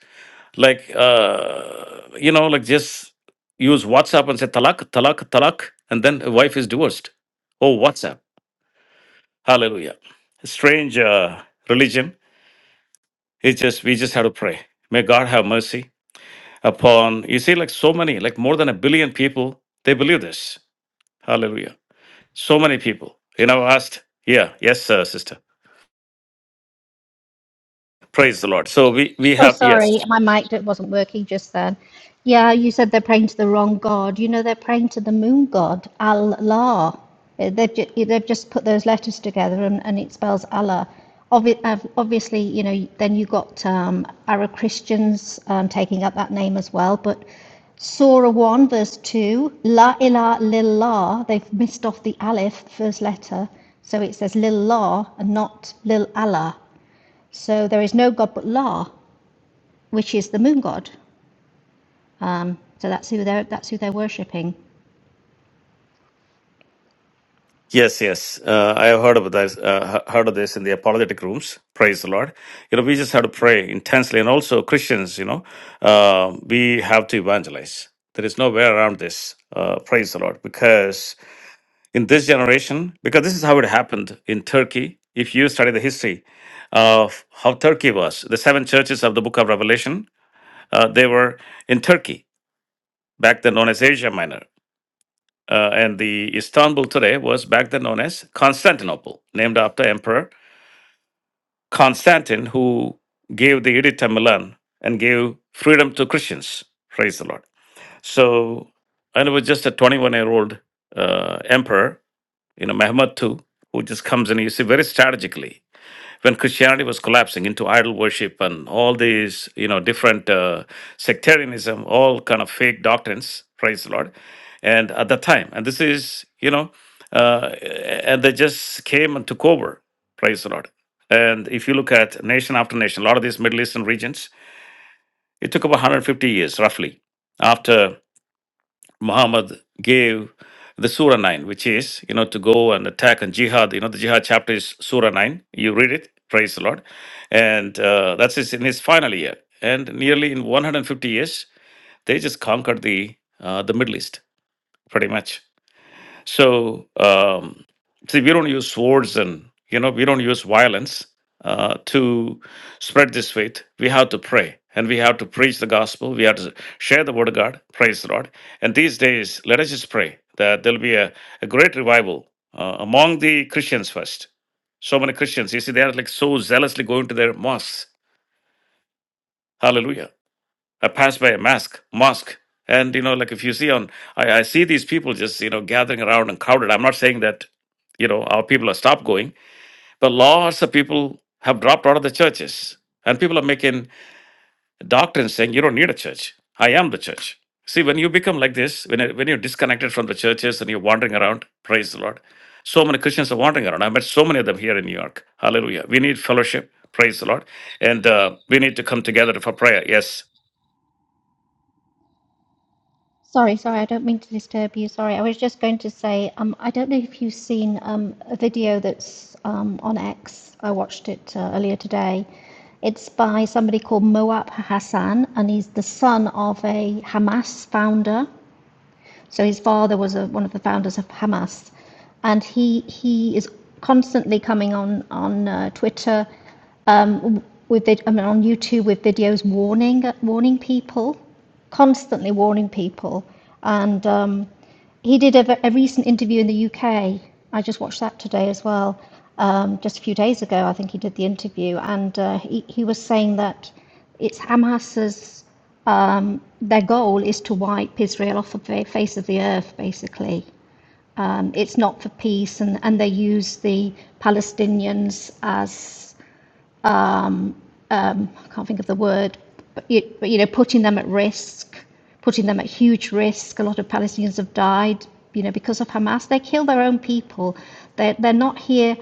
like uh you know, like just use WhatsApp and say talak, talak, talak, and then a wife is divorced. Oh, WhatsApp. Hallelujah. Strange uh religion. It's just we just have to pray. May God have mercy upon you see like so many like more than a billion people they believe this hallelujah so many people you know asked yeah yes sir sister praise the lord so we we Oh, have sorry, yes my mic that wasn't working just then. Yeah, you said they're praying to the wrong god. You know, they're praying to the moon god, Allah. Eh, They've, ju- eh, they've just put those letters together and, and it spells Allah. Obvi- uh, obviously, you know, then you got um, Arab Christians um, taking up that name as well. But Surah 1, verse 2, La ilaha lillah, they've missed off the alif, first letter. So it says lillah and not lil Allah. So there is no God but La which is the moon god. Um, so that's who they're that's who they're worshipping. yes yes uh, i have heard of this uh, he- heard of this in the apologetic rooms praise the lord you know we just have to pray intensely and also christians you know uh, we have to evangelize there is no way around this uh, praise the lord because in this generation because this is how it happened in Turkey. If you study the history of how Turkey was, the seven churches of the Book of Revelation, uh, they were in Turkey back then known as Asia Minor, uh, and the Istanbul today was back then known as Constantinople, named after Emperor Constantine, who gave the Edict of Milan and gave freedom to Christians. Praise the Lord! So, and it was just a 21-year-old uh, emperor you know, Mehmed too, who just comes in, you see, very strategically. When Christianity was collapsing into idol worship and all these, you know, different uh, sectarianism, all kind of fake doctrines, praise the Lord, and at that time, and this is, you know, uh, and they just came and took over, praise the Lord. And if you look at nation after nation, a lot of these Middle Eastern regions, it took about 150 years roughly after Muhammad gave the Surah 9, which is, you know, to go and attack and jihad. You know, the jihad chapter is Surah 9. You read it, praise the Lord. And uh, that's his, in his final year. And nearly in 150 years, they just conquered the uh, the Middle East, pretty much. So, um, see, we don't use swords and, you know, we don't use violence uh, to spread this faith. We have to pray and we have to preach the gospel. We have to share the word of God. Praise the Lord. And these days, let us just pray that there'll be a, a great revival uh, among the Christians first. So many Christians, you see, they are like so zealously going to their mosques. Hallelujah I passed by a mosque, mosque, and you know, like if you see on, I, I see these people just you know gathering around and crowded. I'm not saying that you know our people have stopped going, but lots of people have dropped out of the churches, and people are making doctrines saying you don't need a church. I am the church. See, when you become like this, when when you're disconnected from the churches and you're wandering around, praise the Lord. So many Christians are wandering around. I met so many of them here in New York. Hallelujah. We need fellowship. Praise the Lord. And uh, we need to come together for prayer. Yes. Sorry, sorry, I don't mean to disturb you. Sorry, I was just going to say um, I don't know if you've seen um, a video that's um, on X. I watched it uh, earlier today. It's by somebody called Moab Hassan, and he's the son of a Hamas founder So his father was a, one of the founders of Hamas, and he he is constantly coming on on uh, Twitter, um, with I mean on YouTube with videos warning warning people, constantly warning people, and um, he did a, a recent interview in the UK. I just watched that today as well. Um, just a few days ago, I think he did the interview, and uh, he, he was saying that it's Hamas's um, their goal is to wipe Israel off the face of the earth, basically. Um, it's not for peace, and, and they use the Palestinians as um, um, I can't think of the word, but you, but you know, putting them at risk, putting them at huge risk. A lot of Palestinians have died, you know, because of Hamas. They kill their own people. They they're not here.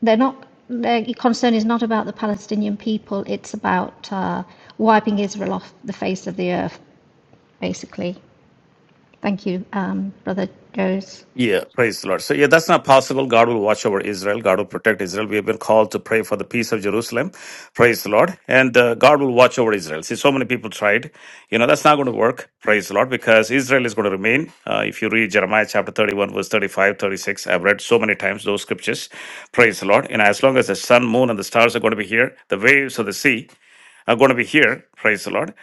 They're not. Their concern is not about the Palestinian people. It's about uh, wiping Israel off the face of the earth basically. Thank you, um, Brother Joe's Yeah, praise the Lord. So, yeah, that's not possible. God will watch over Israel. God will protect Israel. We have been called to pray for the peace of Jerusalem. Praise the Lord. And uh, God will watch over Israel. See, so many people tried. You know, that's not going to work. Praise the Lord, because Israel is going to remain. Uh, if you read Jeremiah chapter 31, verse thirty-five, thirty-six, I've read so many times those scriptures. Praise the Lord. And as long as the sun, moon, and the stars are going to be here, the waves of the sea are going to be here. Praise the Lord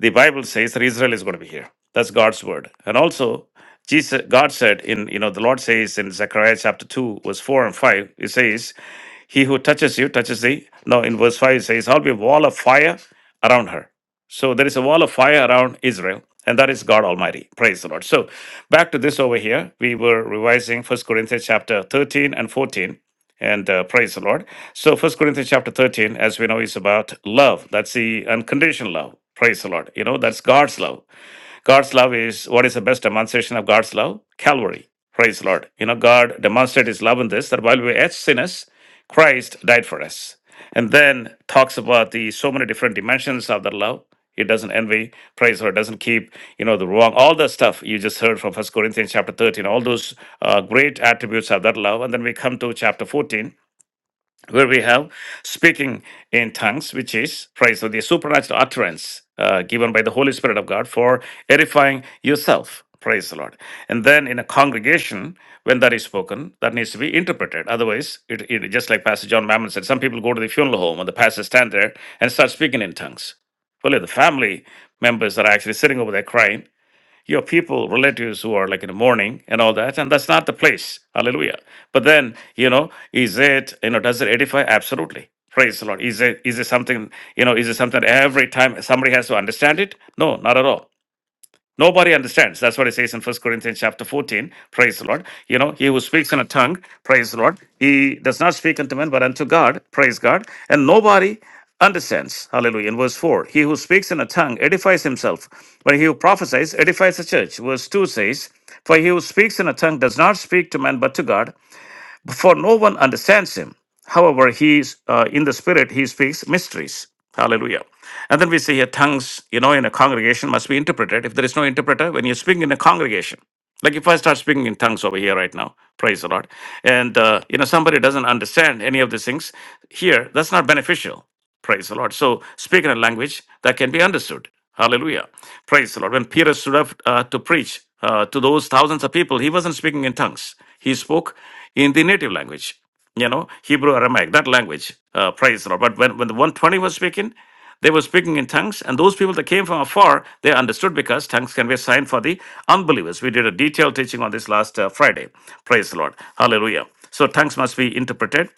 the Bible says that Israel is going to be here. That's God's word. And also, Jesus, God said in, you know, the Lord says in Zechariah chapter 2, verse 4 and 5, it says, he who touches you touches thee. Now in verse 5 it says, I'll be a wall of fire around her. So there is a wall of fire around Israel, and that is God Almighty. Praise the Lord. So back to this over here. We were revising First Corinthians chapter 13 and 14. And uh, praise the Lord. So First Corinthians chapter 13, as we know, is about love. That's the unconditional love. Praise the Lord. You know, that's God's love. God's love is what is the best demonstration of God's love? Calvary. Praise the Lord. You know, God demonstrated his love in this that while we were yet sinners, Christ died for us. And then talks about the so many different dimensions of that love. It doesn't envy, praise the Lord, doesn't keep, you know, the wrong, all the stuff you just heard from First Corinthians chapter 13, all those uh, great attributes of that love. And then we come to chapter 14, where we have speaking in tongues, which is praise of the supernatural utterance uh, given by the Holy Spirit of God for edifying yourself. Praise the Lord. And then in a congregation, when that is spoken, that needs to be interpreted. Otherwise, it, it just like Pastor John Mammon said, some people go to the funeral home and the pastor stand there and start speaking in tongues. Well, if the family members that are actually sitting over there crying, your people, relatives who are like in the morning and all that, and that's not the place. Hallelujah. But then, you know, is it, you know, does it edify? Absolutely. Praise the Lord. Is it is it something, you know, is it something every time somebody has to understand it? No, not at all. Nobody understands. That's what it says in First Corinthians chapter 14. Praise the Lord. You know, he who speaks in a tongue, praise the Lord. He does not speak unto men, but unto God, praise God. And nobody understands. Hallelujah. In verse 4, he who speaks in a tongue edifies himself, but he who prophesies edifies the church. Verse 2 says, For he who speaks in a tongue does not speak to man, but to God for no one understands him. However, he is uh, in the spirit, he speaks mysteries. Hallelujah. And then we see here tongues, you know, in a congregation must be interpreted. If there is no interpreter, when you speak in a congregation, like if I start speaking in tongues over here right now, praise the Lord, and, uh, you know, somebody doesn't understand any of these things here, that's not beneficial. Praise the Lord. So, speaking a language that can be understood. Hallelujah. Praise the Lord. When Peter stood up uh, to preach uh, to those thousands of people, he wasn't speaking in tongues. He spoke in the native language, you know, Hebrew, Aramaic, that language. Uh, praise the Lord. But when, when the 120 was speaking, they were speaking in tongues, and those people that came from afar, they understood because tongues can be a sign for the unbelievers. We did a detailed teaching on this last uh, Friday. Praise the Lord. Hallelujah. So tongues must be interpreted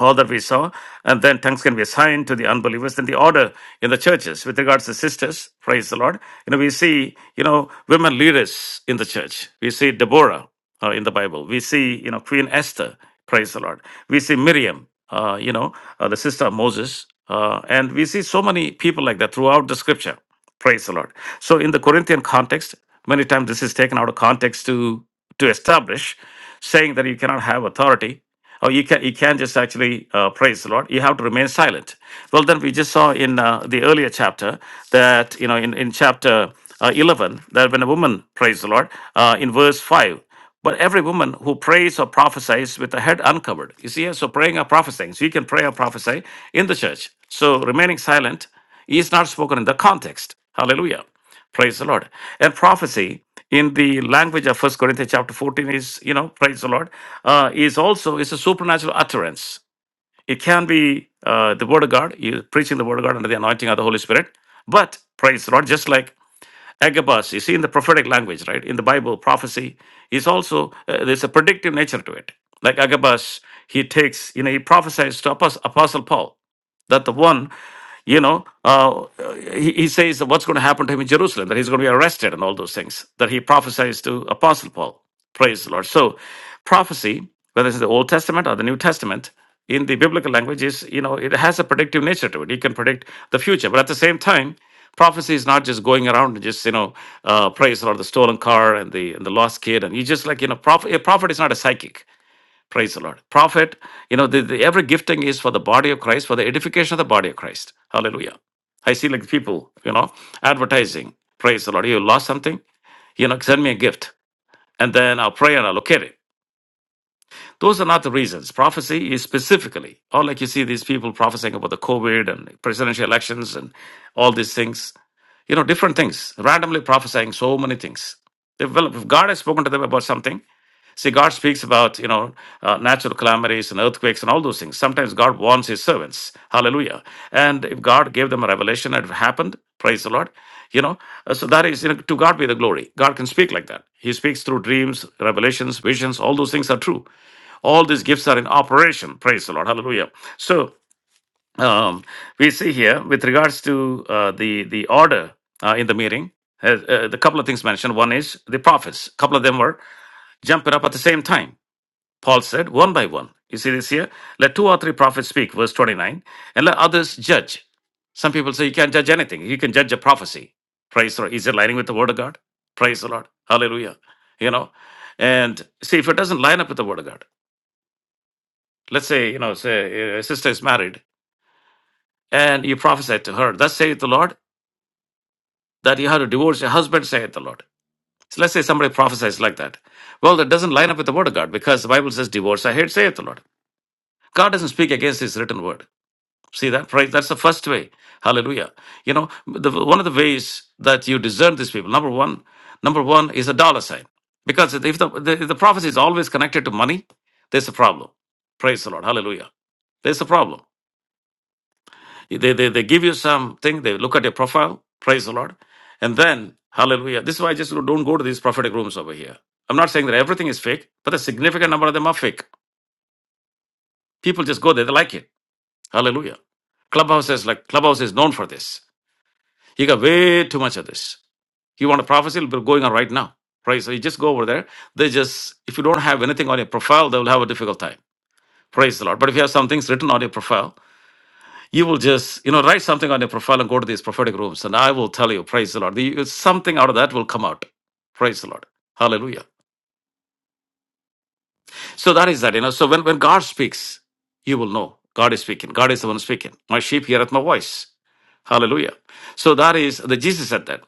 all that we saw, and then tongues can be assigned to the unbelievers. Then the order in the churches with regards to sisters, praise the Lord. You know, we see you know women leaders in the church. We see Deborah uh, in the Bible. We see you know Queen Esther, praise the Lord. We see Miriam, uh, you know, uh, the sister of Moses, uh, and we see so many people like that throughout the Scripture, praise the Lord. So in the Corinthian context, many times this is taken out of context to to establish, saying that you cannot have authority Oh, you can you can just actually uh, praise the Lord. You have to remain silent. Well, then we just saw in uh, the earlier chapter that you know in in chapter uh, eleven that when a woman praised the Lord uh, in verse five. But every woman who prays or prophesies with the head uncovered, you see, so praying or prophesying, so you can pray or prophesy in the church. So remaining silent is not spoken in the context. Hallelujah. Praise the Lord. And prophecy in the language of First Corinthians chapter 14 is, you know, praise the Lord, uh, is also is a supernatural utterance. It can be uh, the word of God, you preaching the word of God under the anointing of the Holy Spirit. But praise the Lord, just like Agabus, you see in the prophetic language, right? In the Bible, prophecy is also, uh, there's a predictive nature to it. Like Agabus, he takes, you know, he prophesies to Apos- Apostle Paul that the one, you know, uh, he, he says that what's going to happen to him in Jerusalem, that he's going to be arrested and all those things, that he prophesies to Apostle Paul. Praise the Lord. So, prophecy, whether it's the Old Testament or the New Testament, in the biblical language, is you know it has a predictive nature to it. It can predict the future, but at the same time, prophecy is not just going around and just you know uh, praise the Lord, the stolen car and the and the lost kid, and you just like you know prophet. A prophet is not a psychic. Praise the Lord. Prophet, you know, the, the every gifting is for the body of Christ, for the edification of the body of Christ. Hallelujah. I see like people, you know, advertising. Praise the Lord. You lost something, you know, send me a gift, and then I'll pray and I'll locate it those are not the reasons. Prophecy is specifically, or like you see these people prophesying about the COVID and presidential elections and all these things, you know, different things, randomly prophesying so many things. They've, well, if God has spoken to them about something, see, God speaks about, you know, uh, natural calamities and earthquakes and all those things. Sometimes God warns his servants. Hallelujah. And if God gave them a revelation and it happened, praise the Lord, you know, uh, so that is, you know, to God be the glory. God can speak like that. He speaks through dreams, revelations, visions, all those things are true. All these gifts are in operation. Praise the Lord. Hallelujah. So um, we see here with regards to uh, the the order uh, in the meeting. Uh, uh, the couple of things mentioned. One is the prophets. A couple of them were jumping up at the same time. Paul said, one by one. You see this here? Let two or three prophets speak, verse 29, and let others judge. Some people say you can't judge anything. You can judge a prophecy. Praise the Lord. Is it lining with the word of God? Praise the Lord. Hallelujah. You know, and see if it doesn't line up with the word of God let's say you know say uh, a sister is married and you prophesy to her thus saith the lord that you have to divorce your husband saith the lord so let's say somebody prophesies like that well that doesn't line up with the word of god because the bible says divorce i hate saith the lord god doesn't speak against his written word see that praise that's the first way hallelujah you know the, one of the ways that you discern these people number one number one is a dollar sign because if the, the, if the prophecy is always connected to money there's a problem praise the lord hallelujah there's a problem They, they, they give you something, they look at your profile, praise the Lord, and then, hallelujah. This is why I just don't go to these prophetic rooms over here. I'm not saying that everything is fake, but a significant number of them are fake. People just go there, they like it. Hallelujah. Clubhouse is like Clubhouse is known for this. You got way too much of this. You want a prophecy, it'll be going on right now. Praise. So you just go over there. They just, if you don't have anything on your profile, they will have a difficult time. Praise the Lord. But if you have some things written on your profile, you will just you know write something on your profile and go to these prophetic rooms and i will tell you praise the lord The- uh, something out of that will come out praise the lord hallelujah so that is that you know so when, when god speaks you will know god is speaking god is the one speaking my sheep heareth my voice hallelujah so that is the jesus said that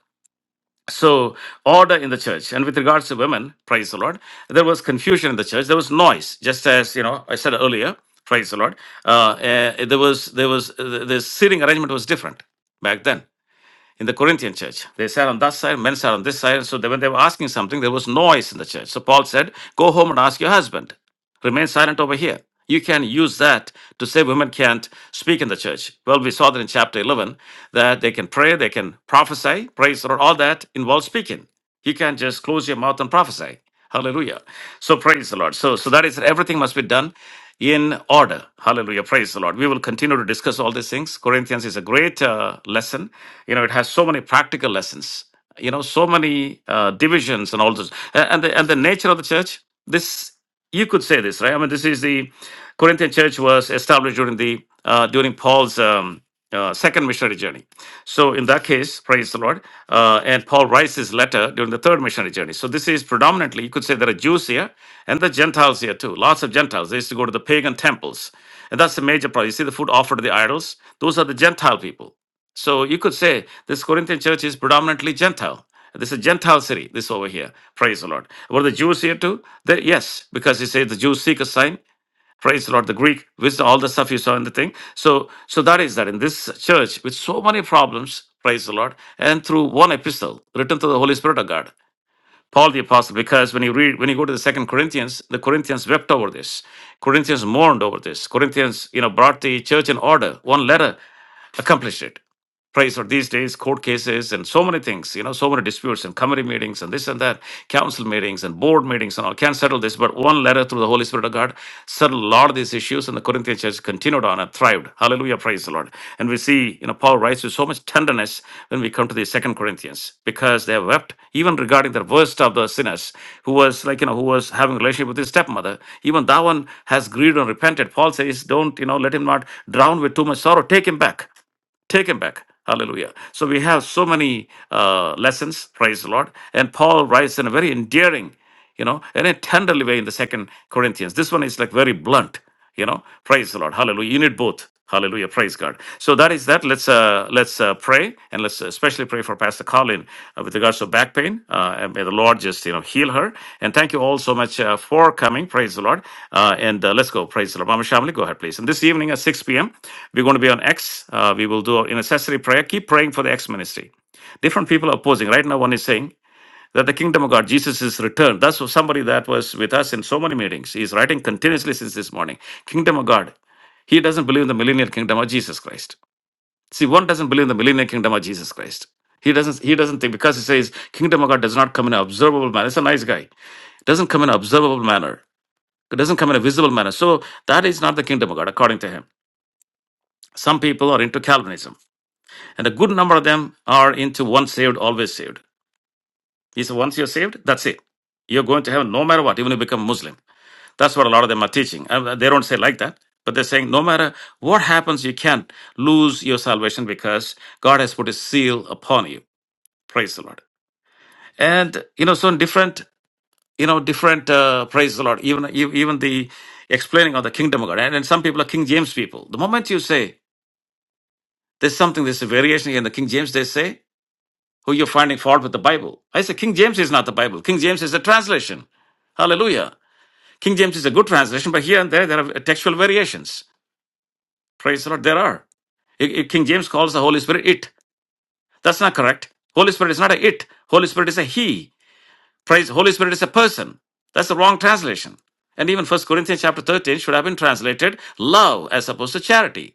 so order in the church and with regards to women praise the lord there was confusion in the church there was noise just as you know i said earlier praise the lord uh, uh, there was there was uh, the the seating arrangement was different back then in the Corinthian church. They sat on that side, men sat on this side. So they, when they were asking something, there was noise in the church. So Paul said, Go home and ask your husband. Remain silent over here. You can use that to say women can't speak in the church. Well, we saw that in chapter 11 that they can pray, they can prophesy, praise the Lord, all that involves speaking. You can't just close your mouth and prophesy. Hallelujah. So praise the Lord. So, so that is everything must be done in order. Hallelujah. Praise the Lord. We will continue to discuss all these things. Corinthians is a great uh, lesson. You know, it has so many practical lessons. You know, so many uh, divisions and all this, A- and the, and the nature of the church. This you could say this, right? I mean, this is the Corinthian church was established during the uh, during Paul's um, uh, second missionary journey. So in that case, praise the Lord. Uh, and Paul writes his letter during the third missionary journey. So this is predominantly, you could say, there are Jews here and the Gentiles here too. Lots of Gentiles. They used to go to the pagan temples, and that's the major problem. You see the food offered to the idols. Those are the Gentile people. So you could say this Corinthian church is predominantly Gentile. This is a Gentile city, this over here. Praise the Lord. Were the Jews here too? They, yes, because he said the Jews seek a sign. Praise the Lord. The Greek wisdom, all the stuff you saw in the thing. So, so that is that in this church with so many problems, praise the Lord, and through one epistle written to the Holy Spirit of God. Paul the Apostle, because when you read, when you go to the second Corinthians, the Corinthians wept over this. Corinthians mourned over this. Corinthians, you know, brought the church in order. One letter accomplished it. Praise for these days, court cases and so many things, you know, so many disputes and committee meetings and this and that, council meetings and board meetings and all. Can't settle this, but one letter through the Holy Spirit of God settled a lot of these issues, and the Corinthian church continued on and thrived. Hallelujah, praise the Lord. And we see, you know, Paul writes with so much tenderness when we come to the second Corinthians because they wept even regarding the worst of the sinners who was like, you know, who was having a relationship with his stepmother. Even that one has grieved and repented. Paul says, don't, you know, let him not drown with too much sorrow. Take him back taken back. Hallelujah. So we have so many uh, lessons, praise the Lord. And Paul writes in a very endearing, you know, in a tenderly way in the second Corinthians. This one is like very blunt, you know, praise the Lord. Hallelujah. You need both. Hallelujah. Praise God. So that is that. Let's uh, let's uh, pray and let's especially pray for Pastor Colin uh, with regards to back pain. Uh, and may the Lord just you know heal her. And thank you all so much uh, for coming. Praise the Lord. Uh, and uh, let's go. Praise the Lord. Mama Shamli, go ahead, please. And this evening at 6 p.m. We're going to be on X. Uh, we will do an accessory prayer. Keep praying for the X ministry. Different people are opposing. Right now, one is saying that the kingdom of God, Jesus is returned. That's somebody that was with us in so many meetings. He's writing continuously since this morning. Kingdom of God. He doesn't believe in the millennial kingdom of Jesus Christ. See, one doesn't believe in the millennial kingdom of Jesus Christ. He doesn't. He doesn't think because he says kingdom of God does not come in an observable manner. It's a nice guy. doesn't come in an observable manner. It doesn't come in a visible manner. So that is not the kingdom of God according to him. Some people are into Calvinism. And a good number of them are into once saved, always saved. He said, once you're saved, that's it. You're going to heaven no matter what, even if you become Muslim. That's what a lot of them are teaching. Uh, They don't say like that, but they're saying no matter what happens, you can't lose your salvation because God has put a seal upon you. Praise the Lord. And, you know, so different, you know, different, uh, praise the Lord, even, ev- even the explaining of the kingdom of God. And, and some people are King James people. The moment you say there's something, there's a variation in the King James, they say, who you're finding fault with the Bible. I say King James is not the Bible. King James is a translation. Hallelujah. King James is a good translation, but here and there, there are textual variations. Praise the Lord, there are. It- it- King James calls the Holy Spirit it. That's not correct. Holy Spirit is not a it. Holy Spirit is a he. Praise, Holy Spirit is a person. That's the wrong translation. And even First Corinthians chapter 13 should have been translated love as opposed to charity.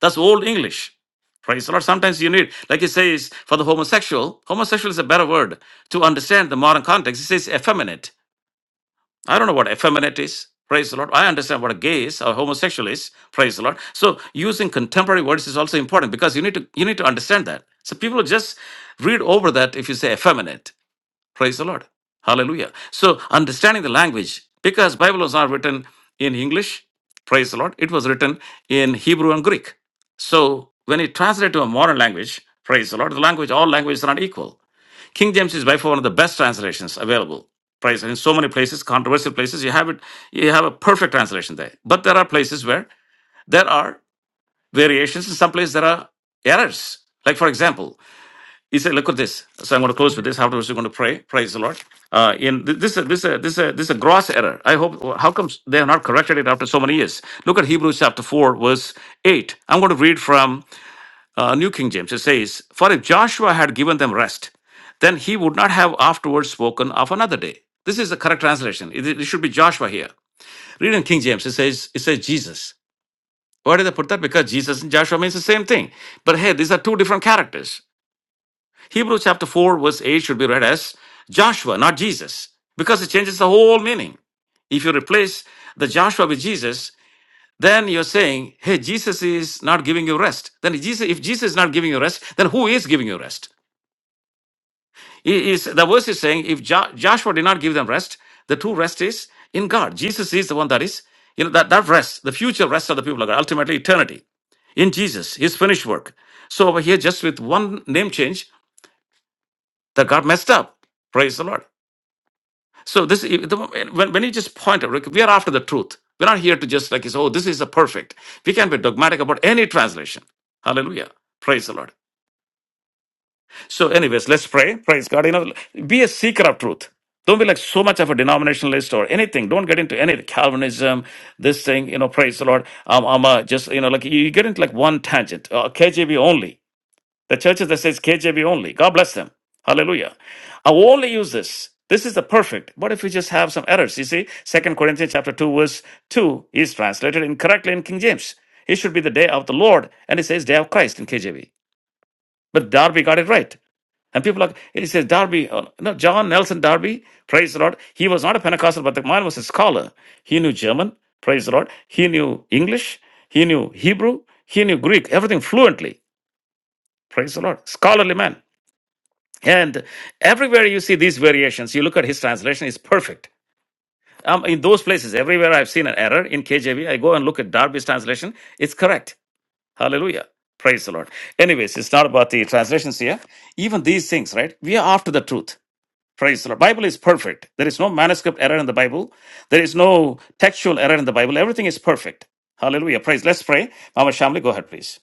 That's old English. Praise the Lord. Sometimes you need, like he says, for the homosexual, homosexual is a better word to understand the modern context. He says effeminate. I don't know what effeminate is. Praise the Lord. I understand what a gay is or homosexual is. Praise the Lord. So using contemporary words is also important because you need to you need to understand that. So people just read over that if you say effeminate. Praise the Lord. Hallelujah. So understanding the language, because Bible was not written in English, praise the Lord, it was written in Hebrew and Greek. So when it translated to a modern language, praise the Lord, the language, all languages are not equal. King James is by far one of the best translations available. Praise the Lord. in so many places, controversial places, you have it, you have a perfect translation there. But there are places where there are variations. In some places there are errors. Like for example, he said, "Look at this." So I'm going to close with this. Afterwards, we're going to pray. Praise the Lord. Uh, in th- this, this, uh, this, uh, this is a gross error. I hope. How comes they have not corrected it after so many years? Look at Hebrews chapter four, verse eight. I'm going to read from uh, New King James. It says, "For if Joshua had given them rest, then he would not have afterwards spoken of another day." This is the correct translation. It, it should be Joshua here. Read in King James. It says, "It says Jesus." Why did they put that? Because Jesus and Joshua means the same thing. But hey, these are two different characters. Hebrews chapter 4, verse 8 should be read as Joshua, not Jesus, because it changes the whole meaning. If you replace the Joshua with Jesus, then you're saying, hey, Jesus is not giving you rest. Then Jesus, if Jesus is not giving you rest, then who is giving you rest? He the verse is saying, if Jo- Joshua did not give them rest, the true rest is in God. Jesus is the one that is, you know, that, that rest, the future rest of the people of God, ultimately eternity in Jesus, his finished work. So over here, just with one name change, that got messed up. Praise the Lord. So this, the, when, when you just point out, like, we are after the truth. We're not here to just like say, oh, this is a perfect. We can be dogmatic about any translation. Hallelujah. Praise the Lord. So, anyways, let's pray. Praise God. You know, be a seeker of truth. Don't be like so much of a denominationalist or anything. Don't get into any Calvinism, this thing, you know, praise the Lord. Um, I'm uh, just, you know, like you get into like one tangent, uh, KJV only. The churches that says KJV only, God bless them. Hallelujah. I will only use this. This is the perfect. What if we just have some errors? You see, Second Corinthians chapter 2, verse 2 is translated incorrectly in King James. It should be the day of the Lord, and it says day of Christ in KJV. But Darby got it right. And people are, it says Darby, uh, no, John Nelson Darby, praise the Lord. He was not a Pentecostal, but the man was a scholar. He knew German, praise the Lord. He knew English, he knew Hebrew, he knew Greek, everything fluently, praise the Lord. Scholarly man. And everywhere you see these variations, you look at his translation, it's perfect. Um, in those places, everywhere I've seen an error in KJV, I go and look at Darby's translation, it's correct. Hallelujah. Praise the Lord. Anyways, it's not about the translations here. Even these things, right? We are after the truth. Praise the Lord. Bible is perfect. There is no manuscript error in the Bible. There is no textual error in the Bible. Everything is perfect. Hallelujah. Praise. Let's pray. Mama Shamli, go ahead, please.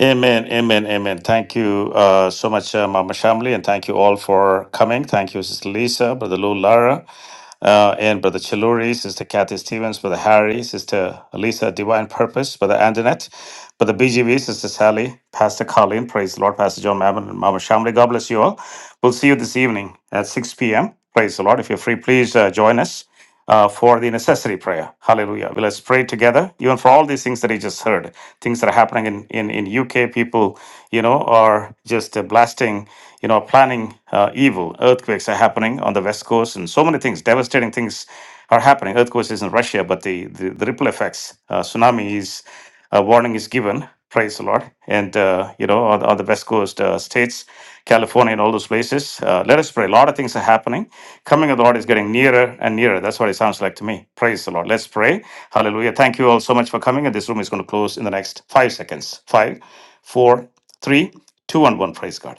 Amen, amen, amen. Thank you uh, so much, uh, Mama Shamli, and thank you all for coming. Thank you, Sister Lisa, Brother Lou Lara, uh, and Brother Chiluri, Sister Kathy Stevens, Brother Harry, Sister Lisa, Divine Purpose, Brother Antoinette, Brother BGV, Sister Sally, Pastor Colleen, praise the Lord, Pastor John Mammon, and Mama Shamli. God bless you all. We'll see you this evening at 6 p.m. Praise the Lord. If you're free, please uh, join us uh, for the necessary prayer. Hallelujah. Well, let's pray together, even for all these things that he just heard, things that are happening in, in, in UK. People, you know, are just uh, blasting, you know, planning uh, evil. Earthquakes are happening on the West Coast and so many things, devastating things are happening. Earthquakes is in Russia, but the, the, the ripple effects, uh, tsunami is, a warning is given. Praise the Lord. And, uh, you know, on, on the West Coast uh, states, California and all those places, uh, let us pray. A lot of things are happening Coming of the Lord is getting nearer and nearer. That's what it sounds like to me. Praise the Lord. Let's pray. Hallelujah. Thank you all so much for coming. And this room is going to close in the next five seconds. Five, four, three, two, and one. Praise God.